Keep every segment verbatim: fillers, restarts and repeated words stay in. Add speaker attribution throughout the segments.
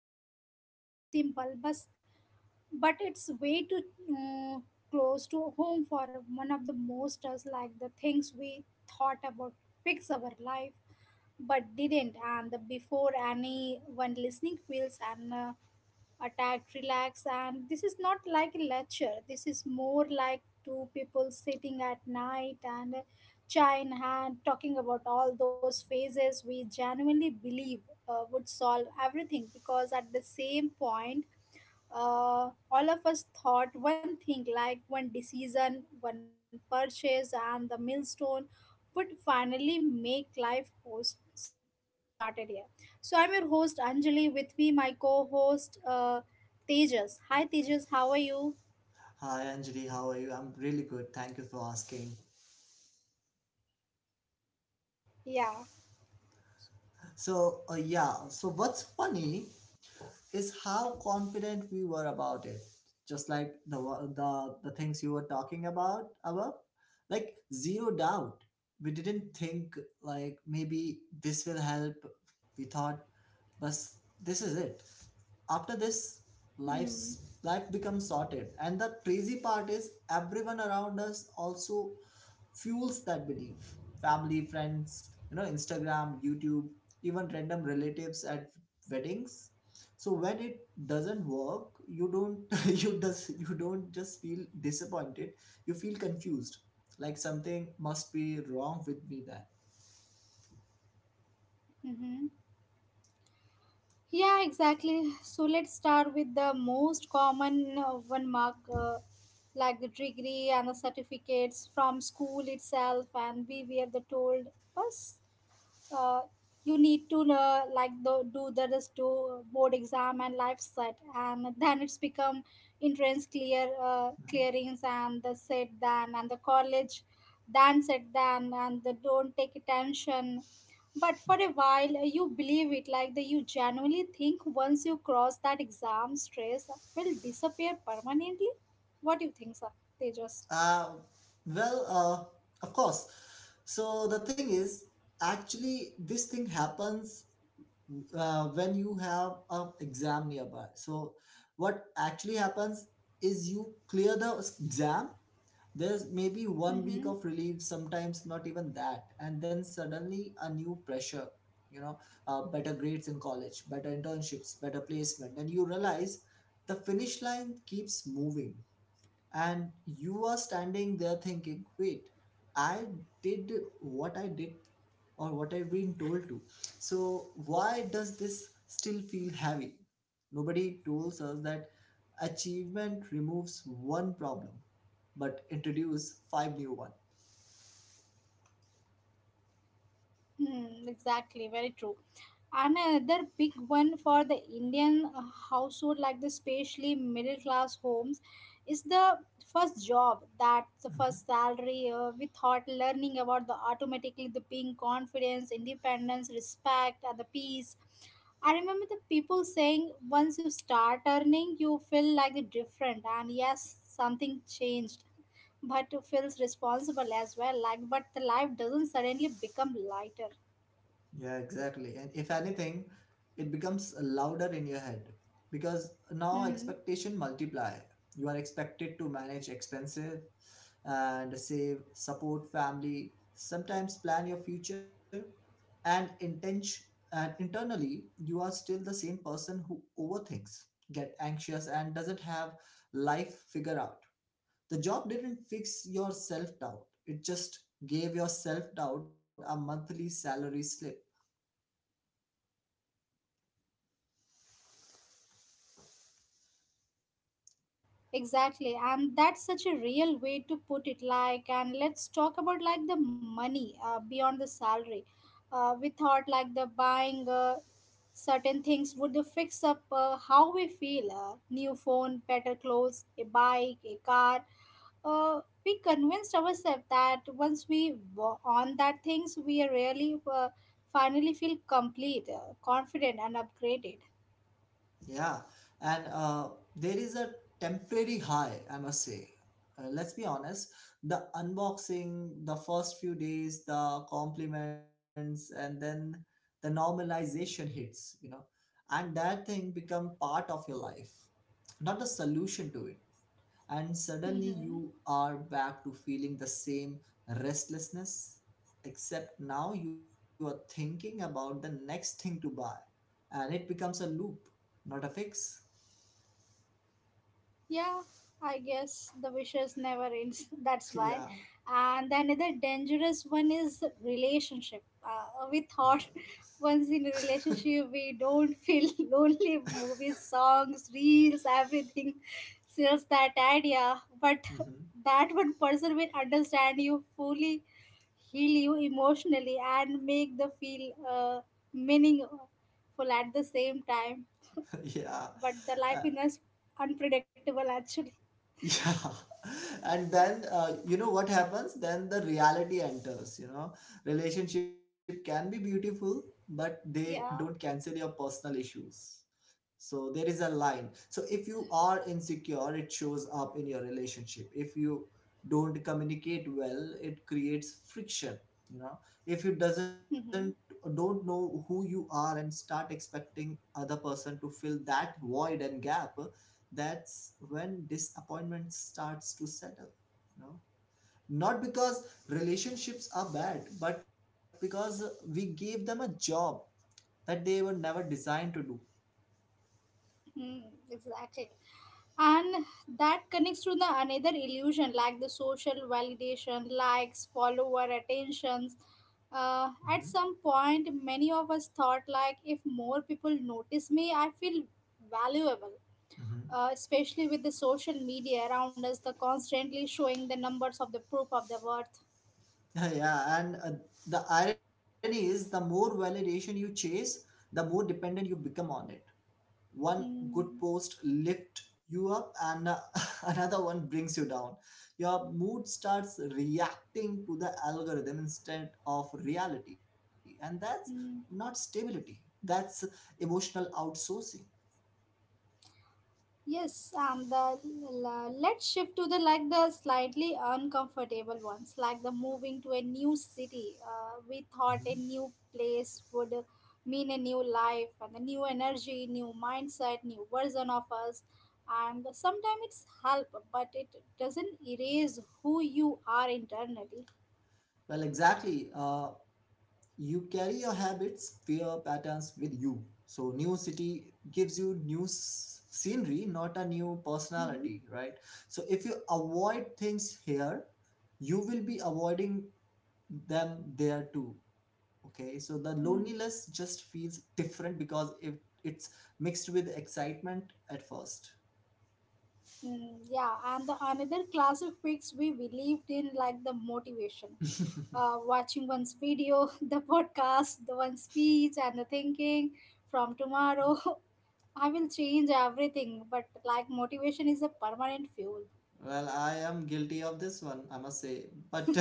Speaker 1: topics around like the simple, but but it's way too uh, close to home for one of the most us like the things we thought about fix our life, but didn't. And the before anyone listening feels and uh, attacked, relax, and this is not like a lecture. This is more like two people sitting at night and chai in hand talking about all those phases we genuinely believe uh, would solve everything because at the same point uh, all of us thought one thing like one decision, one purchase, and the millstone would finally make life host started here. So I'm your host Anjali. With me, my co-host uh, Tejas. Hi Tejas, how are you?
Speaker 2: Hi Anjali, how are you? I'm really good. Thank you for asking.
Speaker 1: Yeah.
Speaker 2: So, uh, yeah, so what's funny is how confident we were about it, just like the wa- the the things you were talking about above. Like, zero doubt. We didn't think like, maybe this will help, we thought. But this is it. After this, life's
Speaker 1: Hmm.
Speaker 2: life becomes sorted. And the crazy part is, everyone around us also fuels that belief. Family, friends, you know Instagram, YouTube, even random relatives at weddings. So when it doesn't work, you don't you does you don't just feel disappointed, you feel confused, like something must be wrong with me then.
Speaker 1: Mm-hmm. Yeah, exactly. So let's start with the most common uh, one mark, uh, like the degree and the certificates from school itself, and we were the told, "Bas, uh, you need to uh, like the, do the rest do board exam and life set and then it's become entrance clear uh,
Speaker 2: Mhm.
Speaker 1: clearings and the set then and the college then set then and the don't take attention but for a while uh, you believe it like the you genuinely think once you cross that exam stress will disappear permanently. What do you think sir? They just
Speaker 2: uh, well, uh, of course. So the thing is, actually this thing happens uh, when you have an exam nearby. So what actually happens is, you clear the exam. There's maybe one week of
Speaker 1: mm-hmm.
Speaker 2: relief, sometimes not even that. And then suddenly a new pressure, you know, uh, better grades in college, better internships, better placement. And you realize the finish line keeps moving. And you are standing there thinking, wait, I did what I did, or what I've been told to. So why does this still feel heavy? Nobody tells us that achievement removes one problem but introduce five new ones.
Speaker 1: Hmm, exactly, very true. Another big one for the Indian uh, household like the especially middle class homes is the first job that the
Speaker 2: Hmm.
Speaker 1: first salary uh, we thought learning about the automatically the being confidence independence respect and the peace. I remember the people saying once you start earning you feel like the different and yes something changed but you feels responsible as well like but the life doesn't suddenly become lighter.
Speaker 2: Yeah, exactly. And if anything, it becomes louder in your head because now
Speaker 1: Hmm.
Speaker 2: expectation multiply. You are expected to manage expenses and save, support family, sometimes plan your future, and intention and internally you are still the same person who overthinks, get anxious, and doesn't have life figure out. The job didn't fix your self doubt, it just gave your self doubt a monthly salary slip.
Speaker 1: Exactly, and that's such a real way to put it. Like, and let's talk about like the money uh, beyond the salary. Uh, we thought like the buying uh, certain things would fix up uh, how we feel. Uh, new phone, better clothes, a bike, a car. Uh, we convinced ourselves that once we wa- on that things, we really uh, finally feel complete, uh, confident, and upgraded.
Speaker 2: Yeah, and uh, there is a temporary high, I must say. Uh, let's be honest, the unboxing, the first few days, the compliments, and then the normalization hits, you know, and that thing become part of your life, not the solution to it. And suddenly
Speaker 1: Mm-hmm.
Speaker 2: you are back to feeling the same restlessness, except now you are thinking about the next thing to buy, and it becomes a loop, not a fix.
Speaker 1: Yeah, I guess the wishes never ends. That's why.
Speaker 2: Yeah.
Speaker 1: And another dangerous one is relationship.
Speaker 2: Oh
Speaker 1: Uh,
Speaker 2: my
Speaker 1: we thought once in a relationship we don't feel lonely. Movies, songs, reels, everything sells that idea. But
Speaker 2: goodness.
Speaker 1: that one person will understand you fully, heal you emotionally, and make the feel uh, meaningful at the same time.
Speaker 2: Hmm. Yeah.
Speaker 1: But the life
Speaker 2: Uh,
Speaker 1: is unpredictable actually.
Speaker 2: yeah. And then, uh, you know what happens? Then the reality enters, you know. Relationship can be beautiful, but they don't
Speaker 1: Yeah.
Speaker 2: cancel your personal issues. So there is a line. So if you are insecure, it shows up in your relationship. If you don't communicate well, it creates friction. You know, if you doesn't
Speaker 1: Mm-hmm.
Speaker 2: don't know who you are and start expecting other person to fill that void and gap, that's when disappointment starts to settle. You know, not because relationships are bad, but because we gave them a job that they were never designed to do.
Speaker 1: Hmm. Exactly. And that connects to the another illusion like the social validation, likes, follower attentions. Uh, at some point, many of us thought like if more people notice me, I feel valuable.
Speaker 2: Hmm.
Speaker 1: Uh, especially with the social media around us, the constantly showing the numbers of the proof of the worth.
Speaker 2: Yeah, and uh, the irony is, the more validation you chase, the more dependent you become on it. One good
Speaker 1: Mm-hmm.
Speaker 2: post lifts you up, and uh, another one brings you down. Your mood starts reacting to the algorithm instead of reality, and that's not
Speaker 1: Mm-hmm.
Speaker 2: stability, that's emotional outsourcing.
Speaker 1: Yes, um, the la- let's shift to the like the slightly uncomfortable ones, like the moving to a new city. Uh, we thought a new place would mean a new life and a new energy, new mindset, new version of us. And sometimes it's help, but it doesn't erase who you are internally.
Speaker 2: Well, exactly. Uh, you carry your habits, fear, patterns with you. So, new city gives you new s- scenery, not a new
Speaker 1: Mm-hmm.
Speaker 2: personality, right? So, if you avoid things here, you will be avoiding them there too. Okay. So, the loneliness
Speaker 1: Mm.
Speaker 2: just feels different because if it's mixed with excitement at first.
Speaker 1: Mm, yeah, and the another class of pics we believed in, like the motivation, uh, watching one's video, the podcast, the one's speech, and the thinking from tomorrow, I will change everything. But like motivation is a permanent fuel.
Speaker 2: Well, I am guilty of this one, I must say. But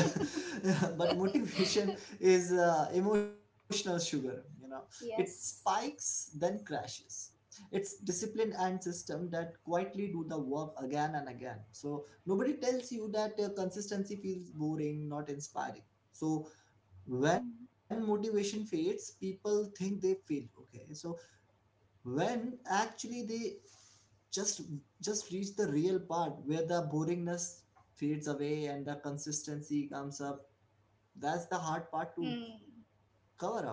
Speaker 2: but motivation is uh, emotional sugar, you know. It
Speaker 1: Yes.
Speaker 2: spikes then crashes. It's discipline and system that quietly do the work again and again. So nobody tells you that uh, consistency feels boring, not inspiring. So when motivation fades, people think they failed. Okay, so when actually they just just reach the real part where the boringness fades away and the consistency comes up. That's the hard part to
Speaker 1: Hmm.
Speaker 2: cover up, right?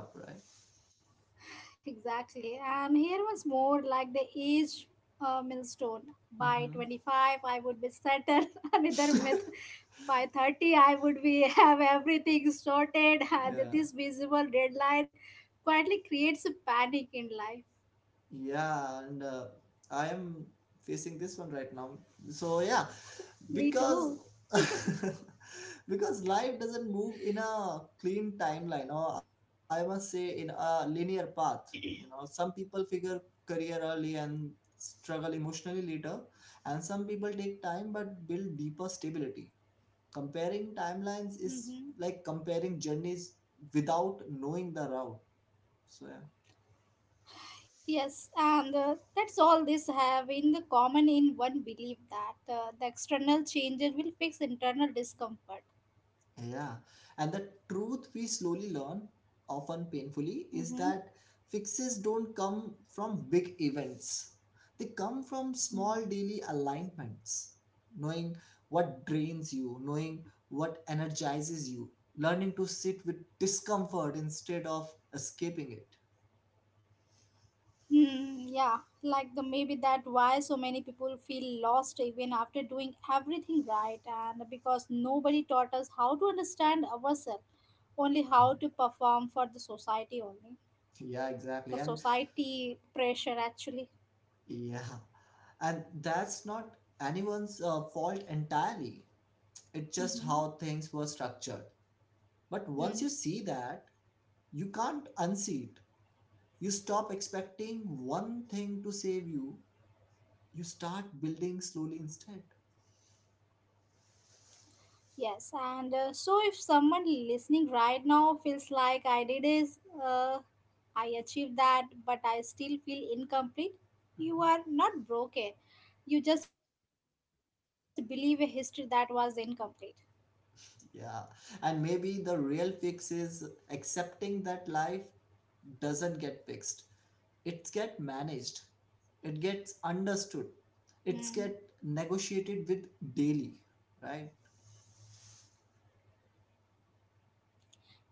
Speaker 1: Exactly. And here was more like the age uh, milestone. By
Speaker 2: Mm-hmm.
Speaker 1: twenty-five, I would be settled. Another myth. By thirty, I would be have everything sorted. And
Speaker 2: Yeah,
Speaker 1: this visible deadline quietly creates a panic in life.
Speaker 2: yeah, and uh, I am facing this one right now, so yeah.
Speaker 1: Me
Speaker 2: Because
Speaker 1: too.
Speaker 2: because life doesn't move in a clean timeline, or I must say, in a linear path. You know, some people figure career early and struggle emotionally later, and some people take time but build deeper stability. Comparing timelines is
Speaker 1: Mm-hmm.
Speaker 2: like comparing journeys without knowing the route, so yeah.
Speaker 1: Yes, and uh, that's all this have in the common in one belief that uh, the external changes will fix internal discomfort.
Speaker 2: Yeah. And the truth we slowly learn, often painfully, is
Speaker 1: Mm-hmm.
Speaker 2: that fixes don't come from big events. They come from small daily alignments. Knowing what drains you, knowing what energizes you, learning to sit with discomfort instead of escaping it.
Speaker 1: Hmm, yeah, like the maybe that why so many people feel lost even after doing everything right, and because nobody taught us how to understand ourselves, only
Speaker 2: Mhm.
Speaker 1: how to perform for the society only,
Speaker 2: Yeah,
Speaker 1: the
Speaker 2: exactly. And
Speaker 1: society pressure actually.
Speaker 2: yeah, and that's not anyone's uh, fault entirely. It's just
Speaker 1: Mm-hmm.
Speaker 2: how things were structured. But once you
Speaker 1: Hmm.
Speaker 2: see that, you can't unsee it. You stop expecting one thing to save you. You start building slowly instead.
Speaker 1: Yes, and uh, so if someone listening right now feels like I did is uh, I achieved that, but I still feel incomplete, you
Speaker 2: Mhm.
Speaker 1: are not broken. You just believe a history that was incomplete.
Speaker 2: Yeah. And maybe the real fix is accepting that life doesn't get fixed. It gets managed. It gets understood. It's
Speaker 1: Hmm.
Speaker 2: get negotiated with daily, right?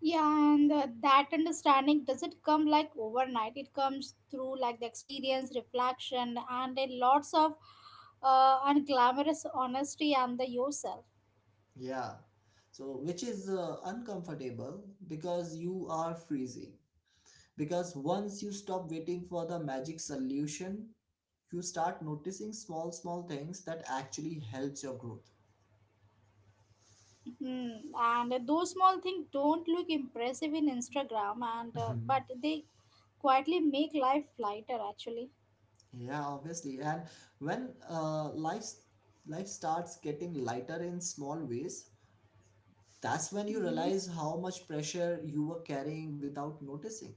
Speaker 1: Yeah, and uh, that understanding doesn't come like overnight. It comes through like the experience, reflection, and a lots of uh, unglamorous honesty and the yourself.
Speaker 2: Yeah. So which is uh, uncomfortable, because you are freezing. Because once you stop waiting for the magic solution, you start noticing small small things that actually helps your growth.
Speaker 1: Hmm. And those small things don't look impressive in Instagram, and uh,
Speaker 2: Mhm.
Speaker 1: but they quietly make life lighter actually.
Speaker 2: Yeah, obviously. And when uh, life life starts getting lighter in small ways, that's when you
Speaker 1: Mm-hmm.
Speaker 2: realize how much pressure you were carrying without noticing.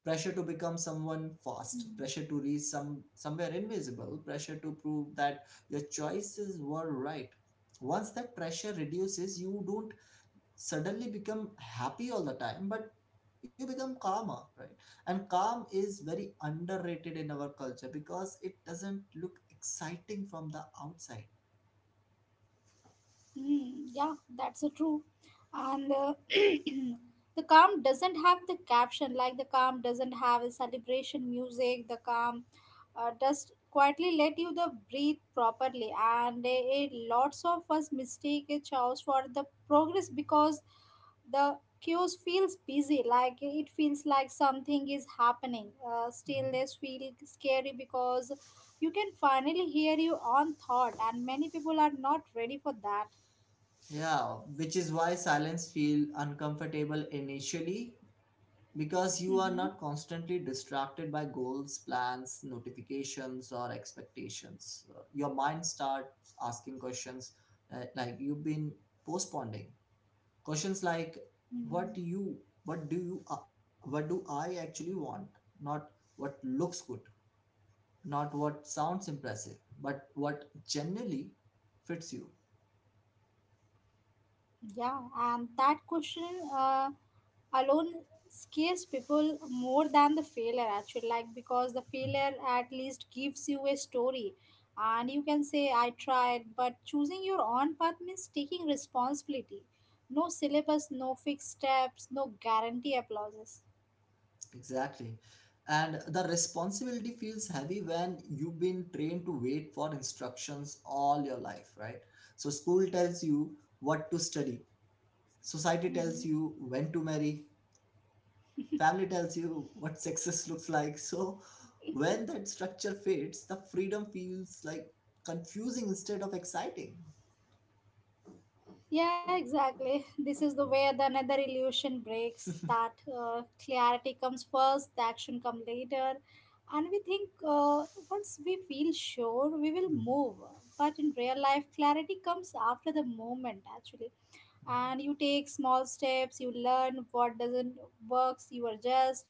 Speaker 2: Pressure to become someone
Speaker 1: Mm-hmm.
Speaker 2: fast, pressure to reach some somewhere invisible, pressure to prove that your choices were right. Once that pressure reduces, you don't suddenly become happy all the time, but you become calmer, right? And calm is very underrated in our culture because it doesn't look exciting from the outside.
Speaker 1: Mm, yeah, that's a true. And uh, the calm doesn't have the caption, like the calm doesn't have a celebration music. The calm uh, just quietly let you the breathe properly. And a, lots of us mistake a choice for the progress because the cues feels busy, like it feels like something is happening. Uh,
Speaker 2: Mhm.
Speaker 1: stillness feel scary because you can finally hear your own thought, and many people are not ready for that.
Speaker 2: Yeah, which is why silence feel uncomfortable initially, because you are not
Speaker 1: Mm-hmm.
Speaker 2: constantly distracted by goals, plans, notifications, or expectations. Uh, your mind starts asking questions uh, like you've been postponing. Questions like, what
Speaker 1: Mm.
Speaker 2: do you what do you uh, what do I actually want? Not what looks good, not what sounds impressive, but what generally fits you.
Speaker 1: Yeah, and that question uh, alone scares people more than the failure actually like because the
Speaker 2: Mhm.
Speaker 1: failure at least gives you a story and you can say I tried, but choosing your own path means taking responsibility. No syllabus, no fixed steps, no guarantee applauses.
Speaker 2: Exactly. And the responsibility feels heavy when you've been trained to wait for instructions all your life, right? So, school tells you what to study, society tells you when to marry, family tells you what success looks like. So when that structure fades, the freedom feels like confusing instead of exciting.
Speaker 1: Yeah, exactly. This is the way the another illusion breaks. That uh, clarity comes first, the action comes later, and we think uh, once we feel sure, we will move. But in real life, clarity comes after the moment actually, and you take small steps. You learn what doesn't works. You adjust,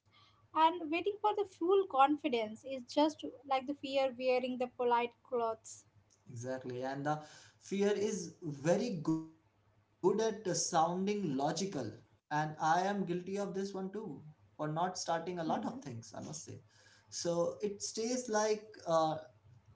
Speaker 1: and waiting for the full confidence is just like the fear wearing the polite clothes.
Speaker 2: Exactly. And the fear is very good at uh, sounding logical. And I am guilty of this one too, for not starting a lot of
Speaker 1: Hmm.
Speaker 2: things, I must say. So it stays like, uh,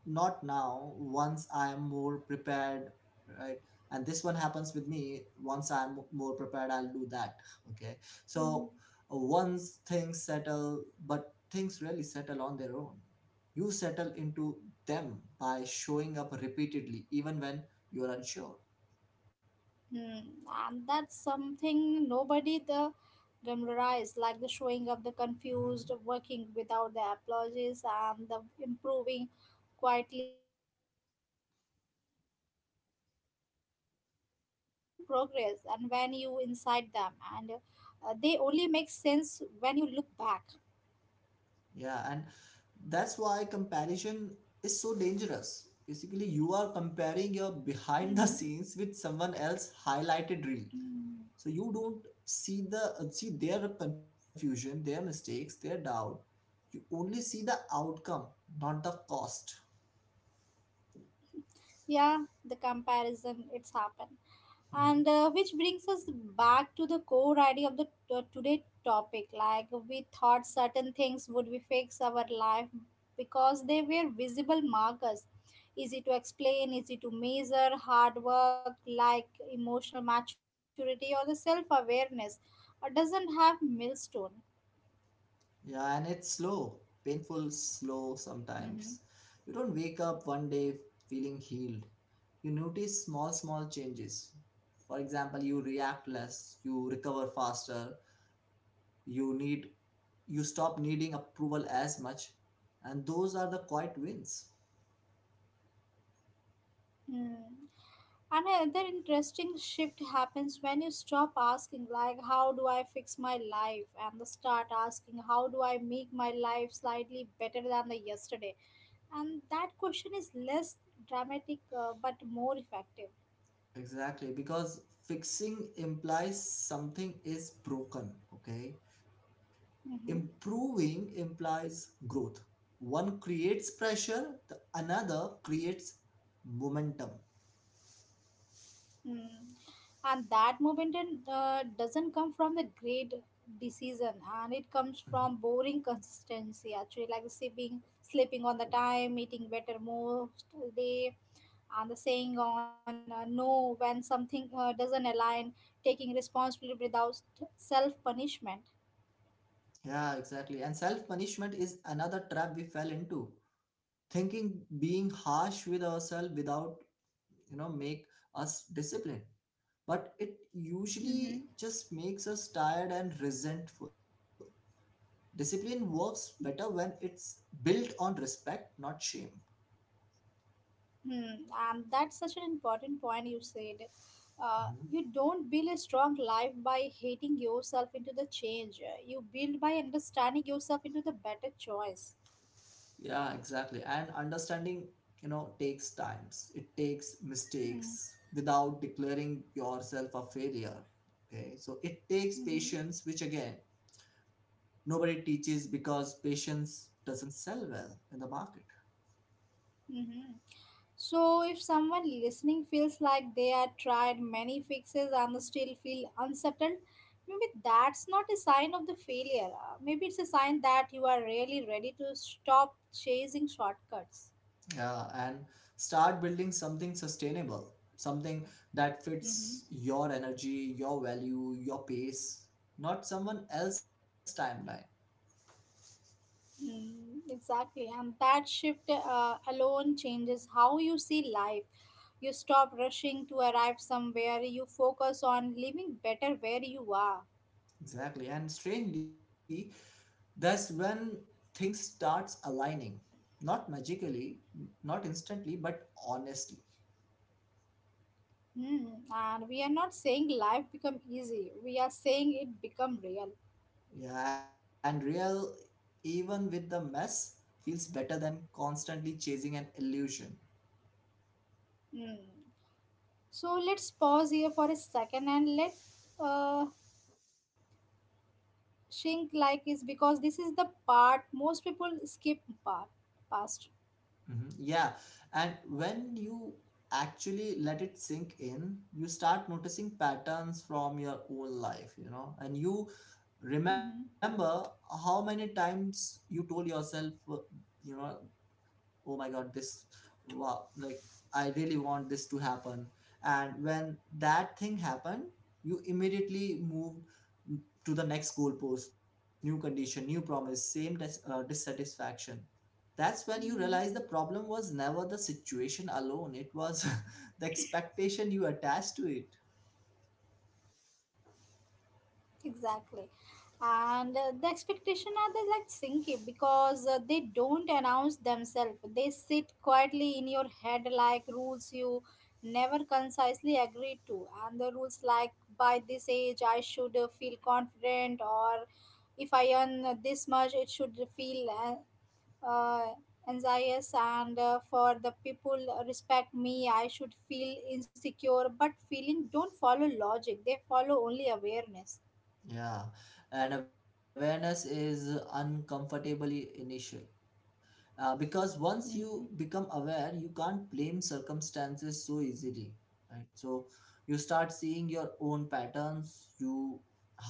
Speaker 2: not now, once I am more prepared, right. And this one happens with me, once I'm more prepared I'll do that. Okay. So uh, once things settle, but things really settle on their own. You settle into them by showing up repeatedly even when you're unsure.
Speaker 1: Hmm, and that's something nobody the glamorized, like the showing of the
Speaker 2: Mhm.
Speaker 1: confused, working without the apologies, and the improving quietly. Uh, Those phases uh, don't feel like the progress, and when you inside them, and uh, they only make sense when you look back.
Speaker 2: Yeah, and that's why comparison is so dangerous. Basically, you are comparing your
Speaker 1: Mhm.
Speaker 2: behind the scenes with someone else highlighted
Speaker 1: Hmm.
Speaker 2: reel, so you don't see the uh, see their confusion, their mistakes, their doubt. You only see the outcome, not the cost.
Speaker 1: Yeah, the comparison it's happened, and uh,
Speaker 2: Mhm.
Speaker 1: which brings us back to the core idea of the t- today topic like we thought certain things would be fix our life because they were visible markers, easy to explain, easy to measure, hard work like emotional maturity or the self-awareness uh, doesn't have millstone.
Speaker 2: Yeah, and it's slow, painful slow sometimes.
Speaker 1: Mm-hmm.
Speaker 2: You don't wake up one day feeling healed, you notice small small changes. For example, you react less, you recover faster, you need you stop needing approval as much, and those are the quiet wins.
Speaker 1: Hmm. Another interesting shift happens when you stop asking, like, how do I fix my life, and the start asking, how do I make my life slightly better than the yesterday? And that question is less dramatic uh, but more effective.
Speaker 2: Exactly, because fixing implies something is broken, okay?
Speaker 1: Hmm.
Speaker 2: Improving implies growth. One creates pressure, the another creates momentum.
Speaker 1: Mm. And that movement in, uh, doesn't come from the great decision, and it
Speaker 2: Mhm.
Speaker 1: comes from boring consistency, actually, like sleeping, sleeping on the time, eating better most day and the saying on uh, no when something uh, doesn't align, taking responsibility without self punishment.
Speaker 2: Yeah, exactly. And self punishment is another trap we fell into. Thinking being harsh with ourselves without, you know, make us disciplined. But it
Speaker 1: Mm-hmm.
Speaker 2: usually just makes us tired and resentful. Discipline works better when it's built on respect, not shame.
Speaker 1: Hmm. And that's such an important point you said. Uh,
Speaker 2: Mhm.
Speaker 1: you don't build a strong life by hating yourself into the change. You build by understanding yourself into the better choice.
Speaker 2: Yeah, exactly. And understanding, you know, takes times. It takes
Speaker 1: Hmm.
Speaker 2: mistakes without declaring yourself a failure. Okay. So it takes
Speaker 1: Mm-hmm.
Speaker 2: patience, which again, nobody teaches because patience doesn't sell well in the market.
Speaker 1: Mm-hmm. So, if someone listening feels like they have tried many fixes and still feel unsettled, maybe that's not a sign of the failure. Uh, Maybe it's a sign that you are really ready to stop chasing shortcuts.
Speaker 2: Yeah, and start building something sustainable, something that
Speaker 1: Hmm.
Speaker 2: fits your energy, your value, your pace, not someone else's timeline.
Speaker 1: Mm, exactly, and that shift uh, alone changes how you see life. You stop rushing to arrive somewhere, you focus on living better where you are.
Speaker 2: Exactly. And strangely, that's when things starts aligning. Not magically, n- not instantly, but honestly.
Speaker 1: Mm, and we are not saying life become easy. We are saying it become real.
Speaker 2: Yeah, and real, even with the mess, feels better than constantly chasing an illusion.
Speaker 1: Mm. So let's pause here for a second and let uh, think like is because this is the part most people skip part past.
Speaker 2: Hmm. Yeah, and when you actually let it sink in, you start noticing patterns from your own life, you know, and you
Speaker 1: Mm-hmm.
Speaker 2: remember how many times you told yourself, uh, you know, oh my God, this, wow, like I really want this to happen. And when that thing happened, you immediately moved to the next goalpost, new condition, new promise, same dis- uh, dissatisfaction That's when you realize the
Speaker 1: Mm-hmm.
Speaker 2: problem was never the situation alone. It was the expectation you attached to it.
Speaker 1: Exactly. And uh, the expectation are they like sinking because uh, they don't announce themselves. They sit quietly in your head like rules you never concisely agreed to. And the rules like by this age I should uh, feel confident or if I earn this much it should feel uh, uh, anxious and uh, for the people respect me I should feel insecure. But feeling don't follow logic. They follow only awareness.
Speaker 2: Yeah, and awareness is uncomfortably initial, uh, because once
Speaker 1: Mhm,
Speaker 2: you become aware, you can't blame circumstances so easily, right? So you start seeing your own patterns. You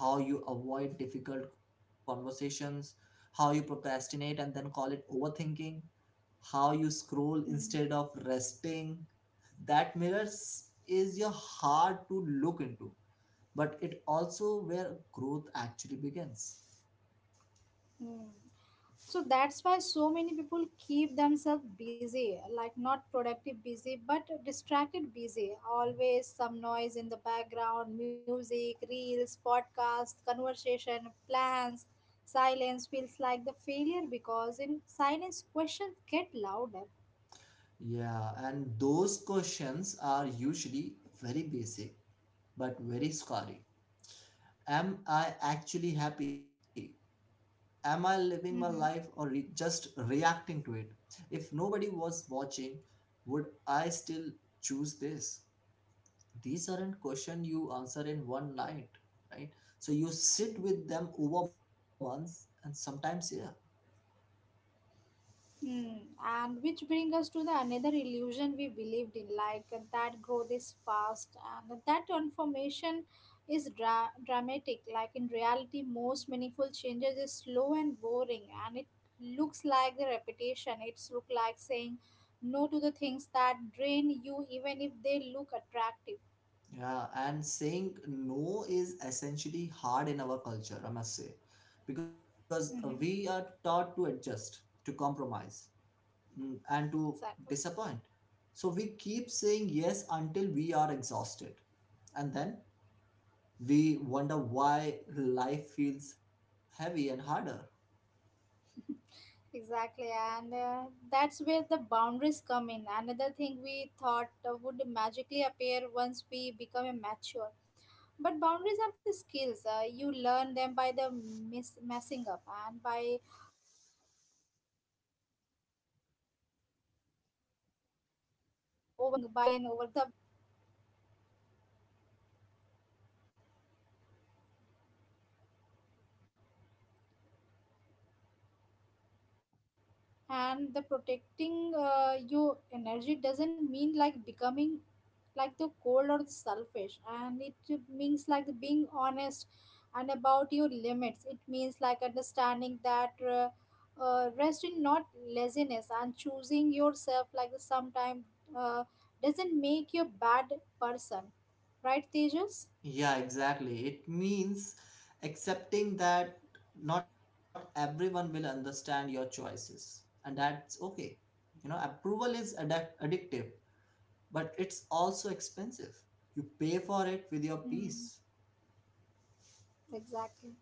Speaker 2: How you avoid difficult conversations, how you procrastinate and then call it overthinking, how you scroll
Speaker 1: mhm,
Speaker 2: instead of resting. That mirrors is your hard to look into, but it also where growth actually begins.
Speaker 1: mhm. So that's why so many people keep themselves busy, like not productive busy, but distracted busy. Always some noise in the background, music, reels, podcast, conversation, plans. Silence feels like the failure because in silence questions get louder.
Speaker 2: Yeah, and those questions are usually very basic, but very scary. Am I actually happy? Am I living my life, or
Speaker 1: Mm-hmm.
Speaker 2: re- just reacting to it? If nobody was watching, would I still choose this? These aren't questions you answer in one night, right? So you sit
Speaker 1: Mm-hmm.
Speaker 2: with them over months and sometimes, yeah.
Speaker 1: Hmm. And which brings us to the another illusion we believed in, like uh, that growth is fast and that transformation is dra- dramatic. Like in reality, most meaningful changes is slow and boring, and it looks like the repetition. It's look like saying no to the things that drain you, even if they look attractive.
Speaker 2: Yeah, and saying no is essentially hard in our culture, I must say, because uh,
Speaker 1: Mm-hmm.
Speaker 2: we are taught to adjust, to compromise, mm, and to
Speaker 1: Exactly.
Speaker 2: disappoint. So we keep saying yes until we are exhausted, and then we wonder why life feels heavy and harder.
Speaker 1: Exactly, and uh, that's where the boundaries come in. Another thing we thought uh, would magically appear once we become a mature. But boundaries are the skills. Uh, you learn them by the miss- messing up and by overgiving, by feeling taken over granted. Nobody wakes up uh, one day knowing how to protect their energy. And the protecting uh, your energy doesn't mean like becoming like the cold or selfish, and it means like being honest and about your limits. It means like understanding that uh, uh, rest in not laziness, and choosing yourself like sometimes uh, doesn't make you a bad person, right, Tejas?
Speaker 2: Yeah, exactly. It means accepting that not everyone will understand your choices, and that's okay. You know, approval is addic- addictive, but it's also expensive. You pay for it with your
Speaker 1: Hmm,
Speaker 2: peace.
Speaker 1: exactly.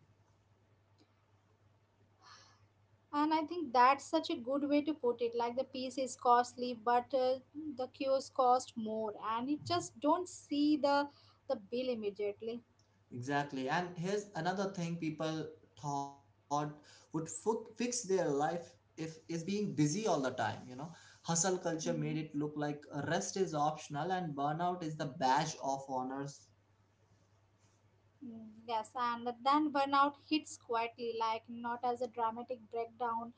Speaker 1: And I think that's such a good way to put it. Like the piece is costly, but uh, the cures cost more, and you just don't see the the bill immediately.
Speaker 2: Exactly. And here's another thing people thought would fu- fix their life if is being busy all the time, you know. Hustle culture made
Speaker 1: Hmm.
Speaker 2: it look like rest is optional and burnout is the badge of honors.
Speaker 1: Mm, yes, and then burnout hits quietly, like not as a dramatic breakdown,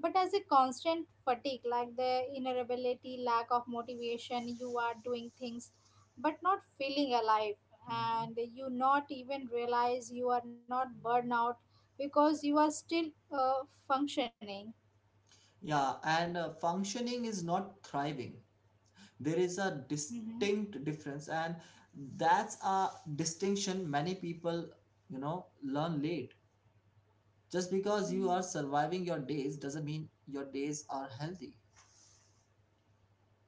Speaker 1: but as a constant fatigue, like the inability, lack of motivation. You are doing things but not feeling alive.
Speaker 2: Mhm.
Speaker 1: And you not even realize you are not burnout because you are still uh, functioning.
Speaker 2: Yeah, and uh, functioning is not thriving. There is a
Speaker 1: Hmm.
Speaker 2: distinct difference, and that's a distinction many people, you know, learn late. Just because you are surviving your days doesn't mean your days are healthy,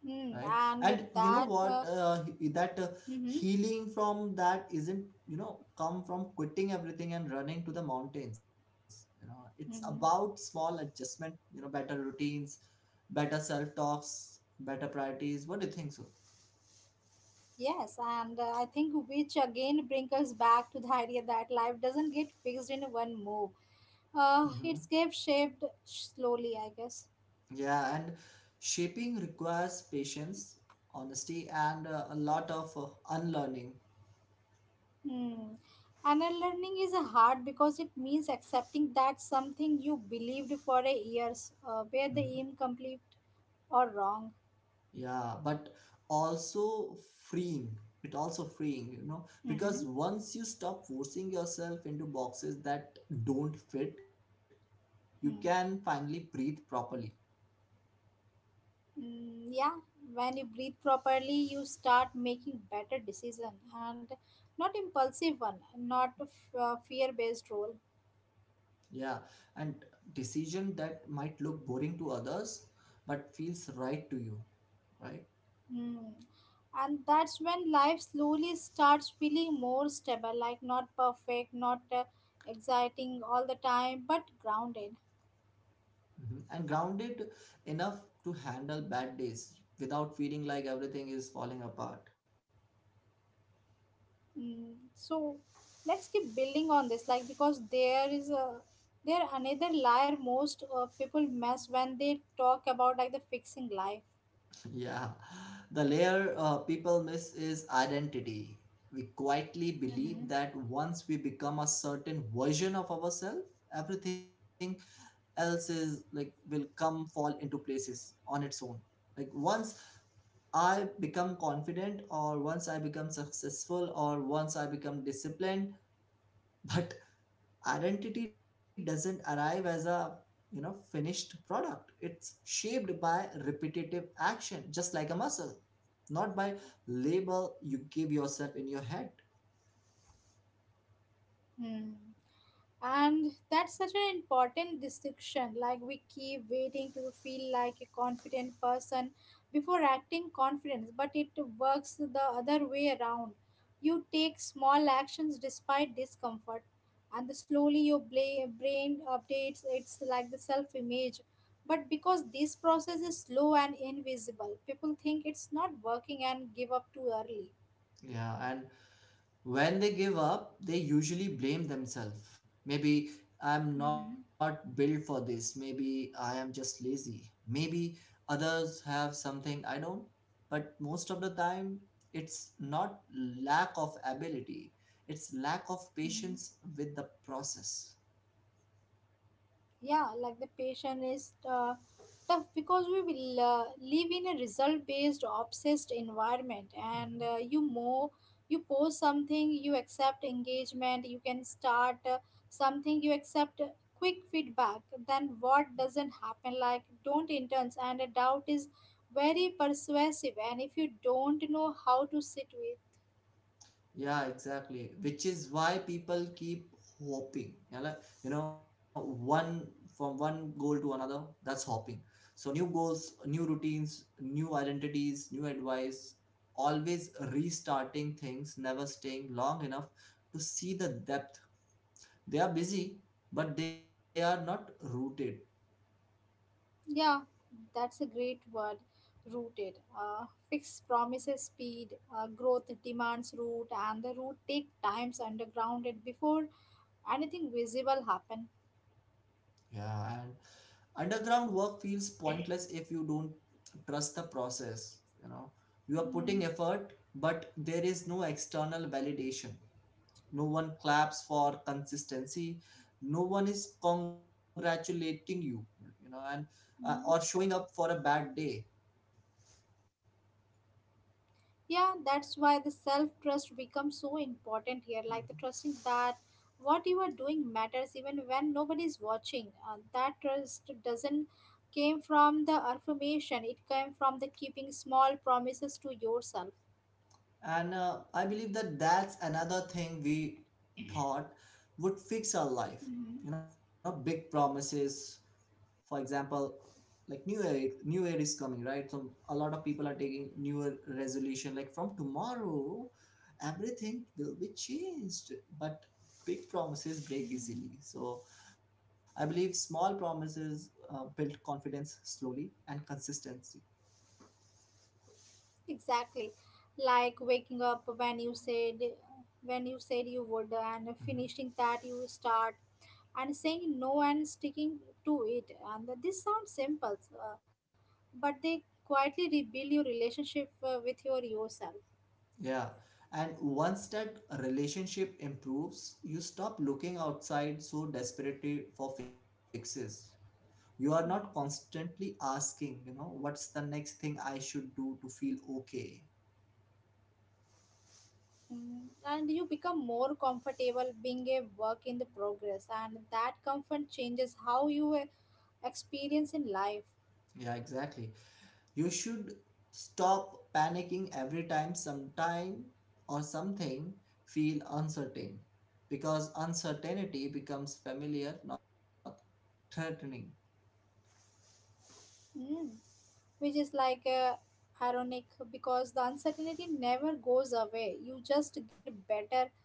Speaker 1: Mm-hmm.
Speaker 2: right?
Speaker 1: And
Speaker 2: And you know
Speaker 1: that
Speaker 2: what?
Speaker 1: uh,
Speaker 2: Uh, he- that uh,
Speaker 1: mm-hmm.
Speaker 2: Healing from that isn't, you know, come from quitting everything and running to the mountains. You know, it's about
Speaker 1: Hmm,
Speaker 2: small adjustment, you know, better routines, better self talks, better priorities. What do you think so?
Speaker 1: yes, and uh, I think which again brings us back to the idea that life doesn't get fixed in one move.
Speaker 2: Hmm.
Speaker 1: Uh, it's get shaped slowly, I guess.
Speaker 2: Yeah, and shaping requires patience, honesty, and uh, a lot of uh, unlearning.
Speaker 1: Hmm. Anal learning is a hard because it means accepting that something you believed for a years uh, where
Speaker 2: Mm-hmm.
Speaker 1: the incomplete or wrong.
Speaker 2: Yeah, but also freeing. It also freeing, you know, because
Speaker 1: Mm-hmm.
Speaker 2: once you stop forcing yourself into boxes that don't fit, you can
Speaker 1: Hmm.
Speaker 2: finally breathe properly.
Speaker 1: Mm, yeah, when you breathe properly, you start making better decision, and not impulsive one, not f- uh, fear-based role.
Speaker 2: Yeah, and decision that might look boring to others, but feels right to you, right?
Speaker 1: Hmm. And that's when life slowly starts feeling more stable, like not perfect, not uh, exciting all the time, but grounded.
Speaker 2: Hmm. And grounded enough to handle bad days without feeling like everything is falling apart.
Speaker 1: Mm, so let's keep building on this, like because there is a, there another layer most uh, people mess when they talk about like the fixing life.
Speaker 2: Yeah, the layer uh, people miss is identity. We quietly believe
Speaker 1: Mm-hmm.
Speaker 2: that once we become a certain version of ourselves, everything else is like will come fall into places on its own. Like once I become confident, or once I become successful, or once I become disciplined, but identity doesn't arrive as a, you know, finished product. It's shaped by repetitive action, just like a muscle, not by label you give yourself in your head.
Speaker 1: Hmm. And that's such an important distinction. Like we keep waiting to feel like a confident person before acting confidence, but it works the other way around. You take small actions despite discomfort, and the slowly your bla- brain updates it's like the self image. But because this process is slow and invisible, people think it's not working and give up too early.
Speaker 2: Yeah, and when they give up, they usually blame themselves. Maybe I'm
Speaker 1: Hmm.
Speaker 2: not built for this. Maybe I am just lazy. Maybe others have something I don't. But most of the time, it's not lack of ability, it's lack of
Speaker 1: Hmm,
Speaker 2: patience with the process.
Speaker 1: yeah, like the patient is uh, tough because we will uh, live in a result based obsessed environment, and
Speaker 2: Mhm.
Speaker 1: uh, you more, you post something, you accept engagement, you can start uh, something, you accept uh, quick feedback, then what doesn't happen, like don't interns and a doubt is very persuasive, and if you don't know how to sit with.
Speaker 2: Yeah, exactly. Which is why people keep hopping. Yeah, like, you know, one from one goal to another, that's hopping. So new goals, new routines, new identities, new advice, always restarting things, never staying long enough to see the depth. They are busy, but they are not rooted.
Speaker 1: Yeah, that's a great word. Rooted. Uh, fixed promises speed, uh, growth demands root, and the root take times underground it before anything visible happen.
Speaker 2: Yeah, underground work feels pointless if you don't trust the process, you know. You are putting
Speaker 1: Mm,
Speaker 2: effort, but there is no external validation. No one claps for consistency, no one is congratulating you, you know, and uh, or showing
Speaker 1: mm.
Speaker 2: up for a bad day.
Speaker 1: Yeah, that's why the self trust becomes so important here. Like the
Speaker 2: Mhm.
Speaker 1: trusting that what you are doing matters even when nobody is watching. Uh, that trust doesn't came from the affirmation. It came from the keeping small promises to yourself.
Speaker 2: and uh, I believe that that's another thing we thought would fix our life, you know. Big promises, for example, like new year. New year is coming, right? So a lot of people are taking newer resolution, like from tomorrow everything will be changed. But big promises break
Speaker 1: Mm.
Speaker 2: easily. So I believe small promises uh, build confidence slowly and consistency.
Speaker 1: Exactly. Like waking up when you said when you said you would, and
Speaker 2: Mhm.
Speaker 1: finishing that you start, and saying no and sticking to it. And this sounds simple, uh, but they quietly rebuild your relationship uh, with your yourself.
Speaker 2: Yeah, and once that relationship improves, you stop looking outside so desperately for fixes. You are not
Speaker 1: Hmm.
Speaker 2: constantly asking, you know, what's the next thing I should do to feel okay.
Speaker 1: Mm. And you become more comfortable being a work in the progress, and that comfort changes how you uh, experience in life.
Speaker 2: Yeah, exactly. You should stop panicking every time sometime or something feel uncertain, because uncertainty becomes familiar, not threatening.
Speaker 1: Hmm. Which is like uh, ironic because the uncertainty never goes away. You just get better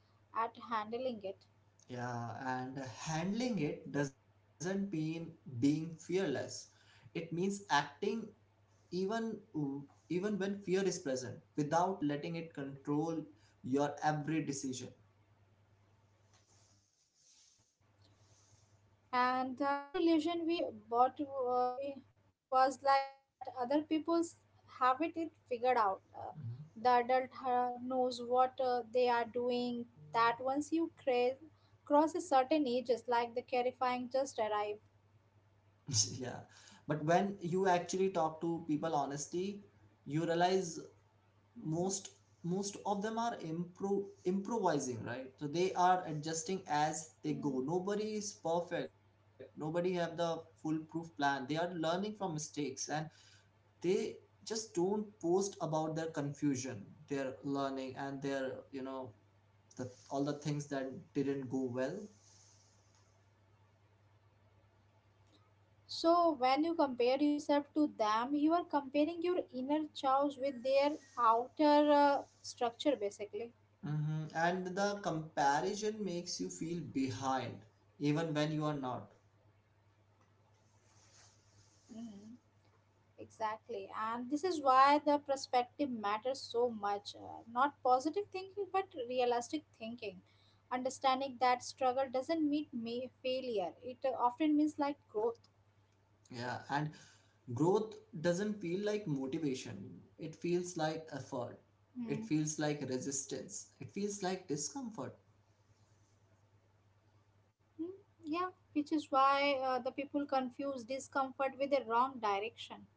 Speaker 1: at handling it.
Speaker 2: Yeah, and handling it doesn't mean being fearless. It means acting even, um, even when fear is present, without letting it control your every decision.
Speaker 1: And another illusion we bought uh, was like that other people's have it, it figured out. Uh,
Speaker 2: Mhm.
Speaker 1: the adult uh, knows what uh, they are doing. That once you cra- cross a certain age, ages, like the terrifying just arrive.
Speaker 2: Yeah, but when you actually talk to people honestly, you realize
Speaker 1: Mm.
Speaker 2: most most of them are impro- improvising, right? So they are adjusting as they go.
Speaker 1: Mm.
Speaker 2: Nobody is perfect, nobody have the foolproof plan. They are learning from mistakes, and they just don't post about their confusion, their learning, and their, you know, the all the things that didn't go well.
Speaker 1: So when you compare yourself to them, you are comparing your inner chows with their outer uh, structure, basically.
Speaker 2: Hmm. And the comparison makes you feel behind even when you are not.
Speaker 1: Hmm. Exactly. And this is why the perspective matters so much. Uh, not positive thinking, but realistic thinking. Understanding that struggle doesn't mean ma- failure, it uh, often means like growth.
Speaker 2: Yeah, and growth doesn't feel like motivation, it feels like effort, it
Speaker 1: Mhm.
Speaker 2: feels like resistance, it feels like discomfort.
Speaker 1: Yeah, which is why uh, the people confuse discomfort with the wrong direction.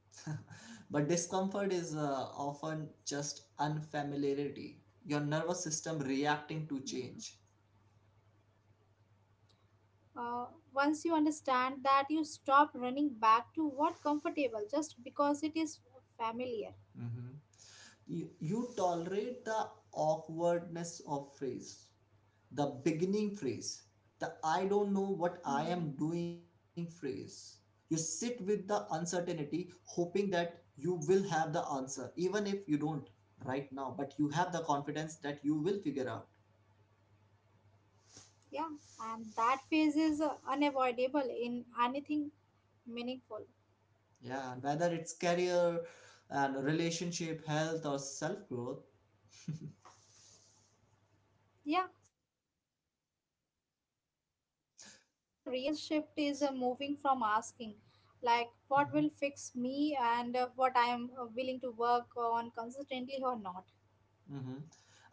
Speaker 2: But discomfort is uh, often just unfamiliarity, your nervous system reacting to
Speaker 1: Mm.
Speaker 2: change.
Speaker 1: Uh, Once you understand that, you stop running back to what comfortable just because it is familiar.
Speaker 2: Hmm. You, you tolerate the awkwardness of phrase, the beginning phrase, the I don't know what I
Speaker 1: Hmm.
Speaker 2: am doing phrase. You sit with the uncertainty, hoping that you will have the answer, even if you don't right now, but you have the confidence that you will figure out.
Speaker 1: Yeah, and that phase is uh, unavoidable in anything meaningful.
Speaker 2: Yeah, and whether it's career and relationship, health, or self growth.
Speaker 1: Yeah, so maybe the real shift is uh, moving from asking, like, what will fix me, and uh, what I am
Speaker 2: Mm-hmm,
Speaker 1: uh, willing to work on consistently or not.
Speaker 2: mm-hmm.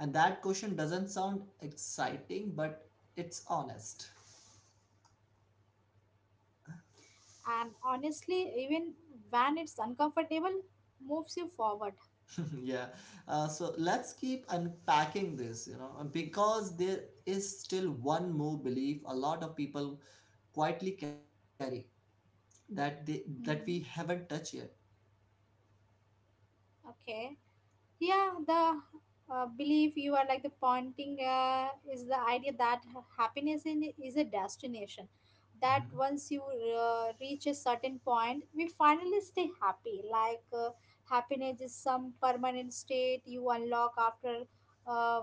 Speaker 2: And that question doesn't sound exciting, but it's honest.
Speaker 1: And honestly, even when it's uncomfortable, moves you forward.
Speaker 2: Yeah. Uh, so let's keep unpacking this, you know, and because there is still one more belief a lot of people quietly carry that they that we
Speaker 1: Hmm.
Speaker 2: haven't touched yet.
Speaker 1: Okay. Yeah, the uh, belief you are like the pointing uh, is the idea that happiness in, is a destination, that
Speaker 2: Mhm.
Speaker 1: once you uh, reach a certain point we finally stay happy, like uh, happiness is some permanent state you unlock after uh,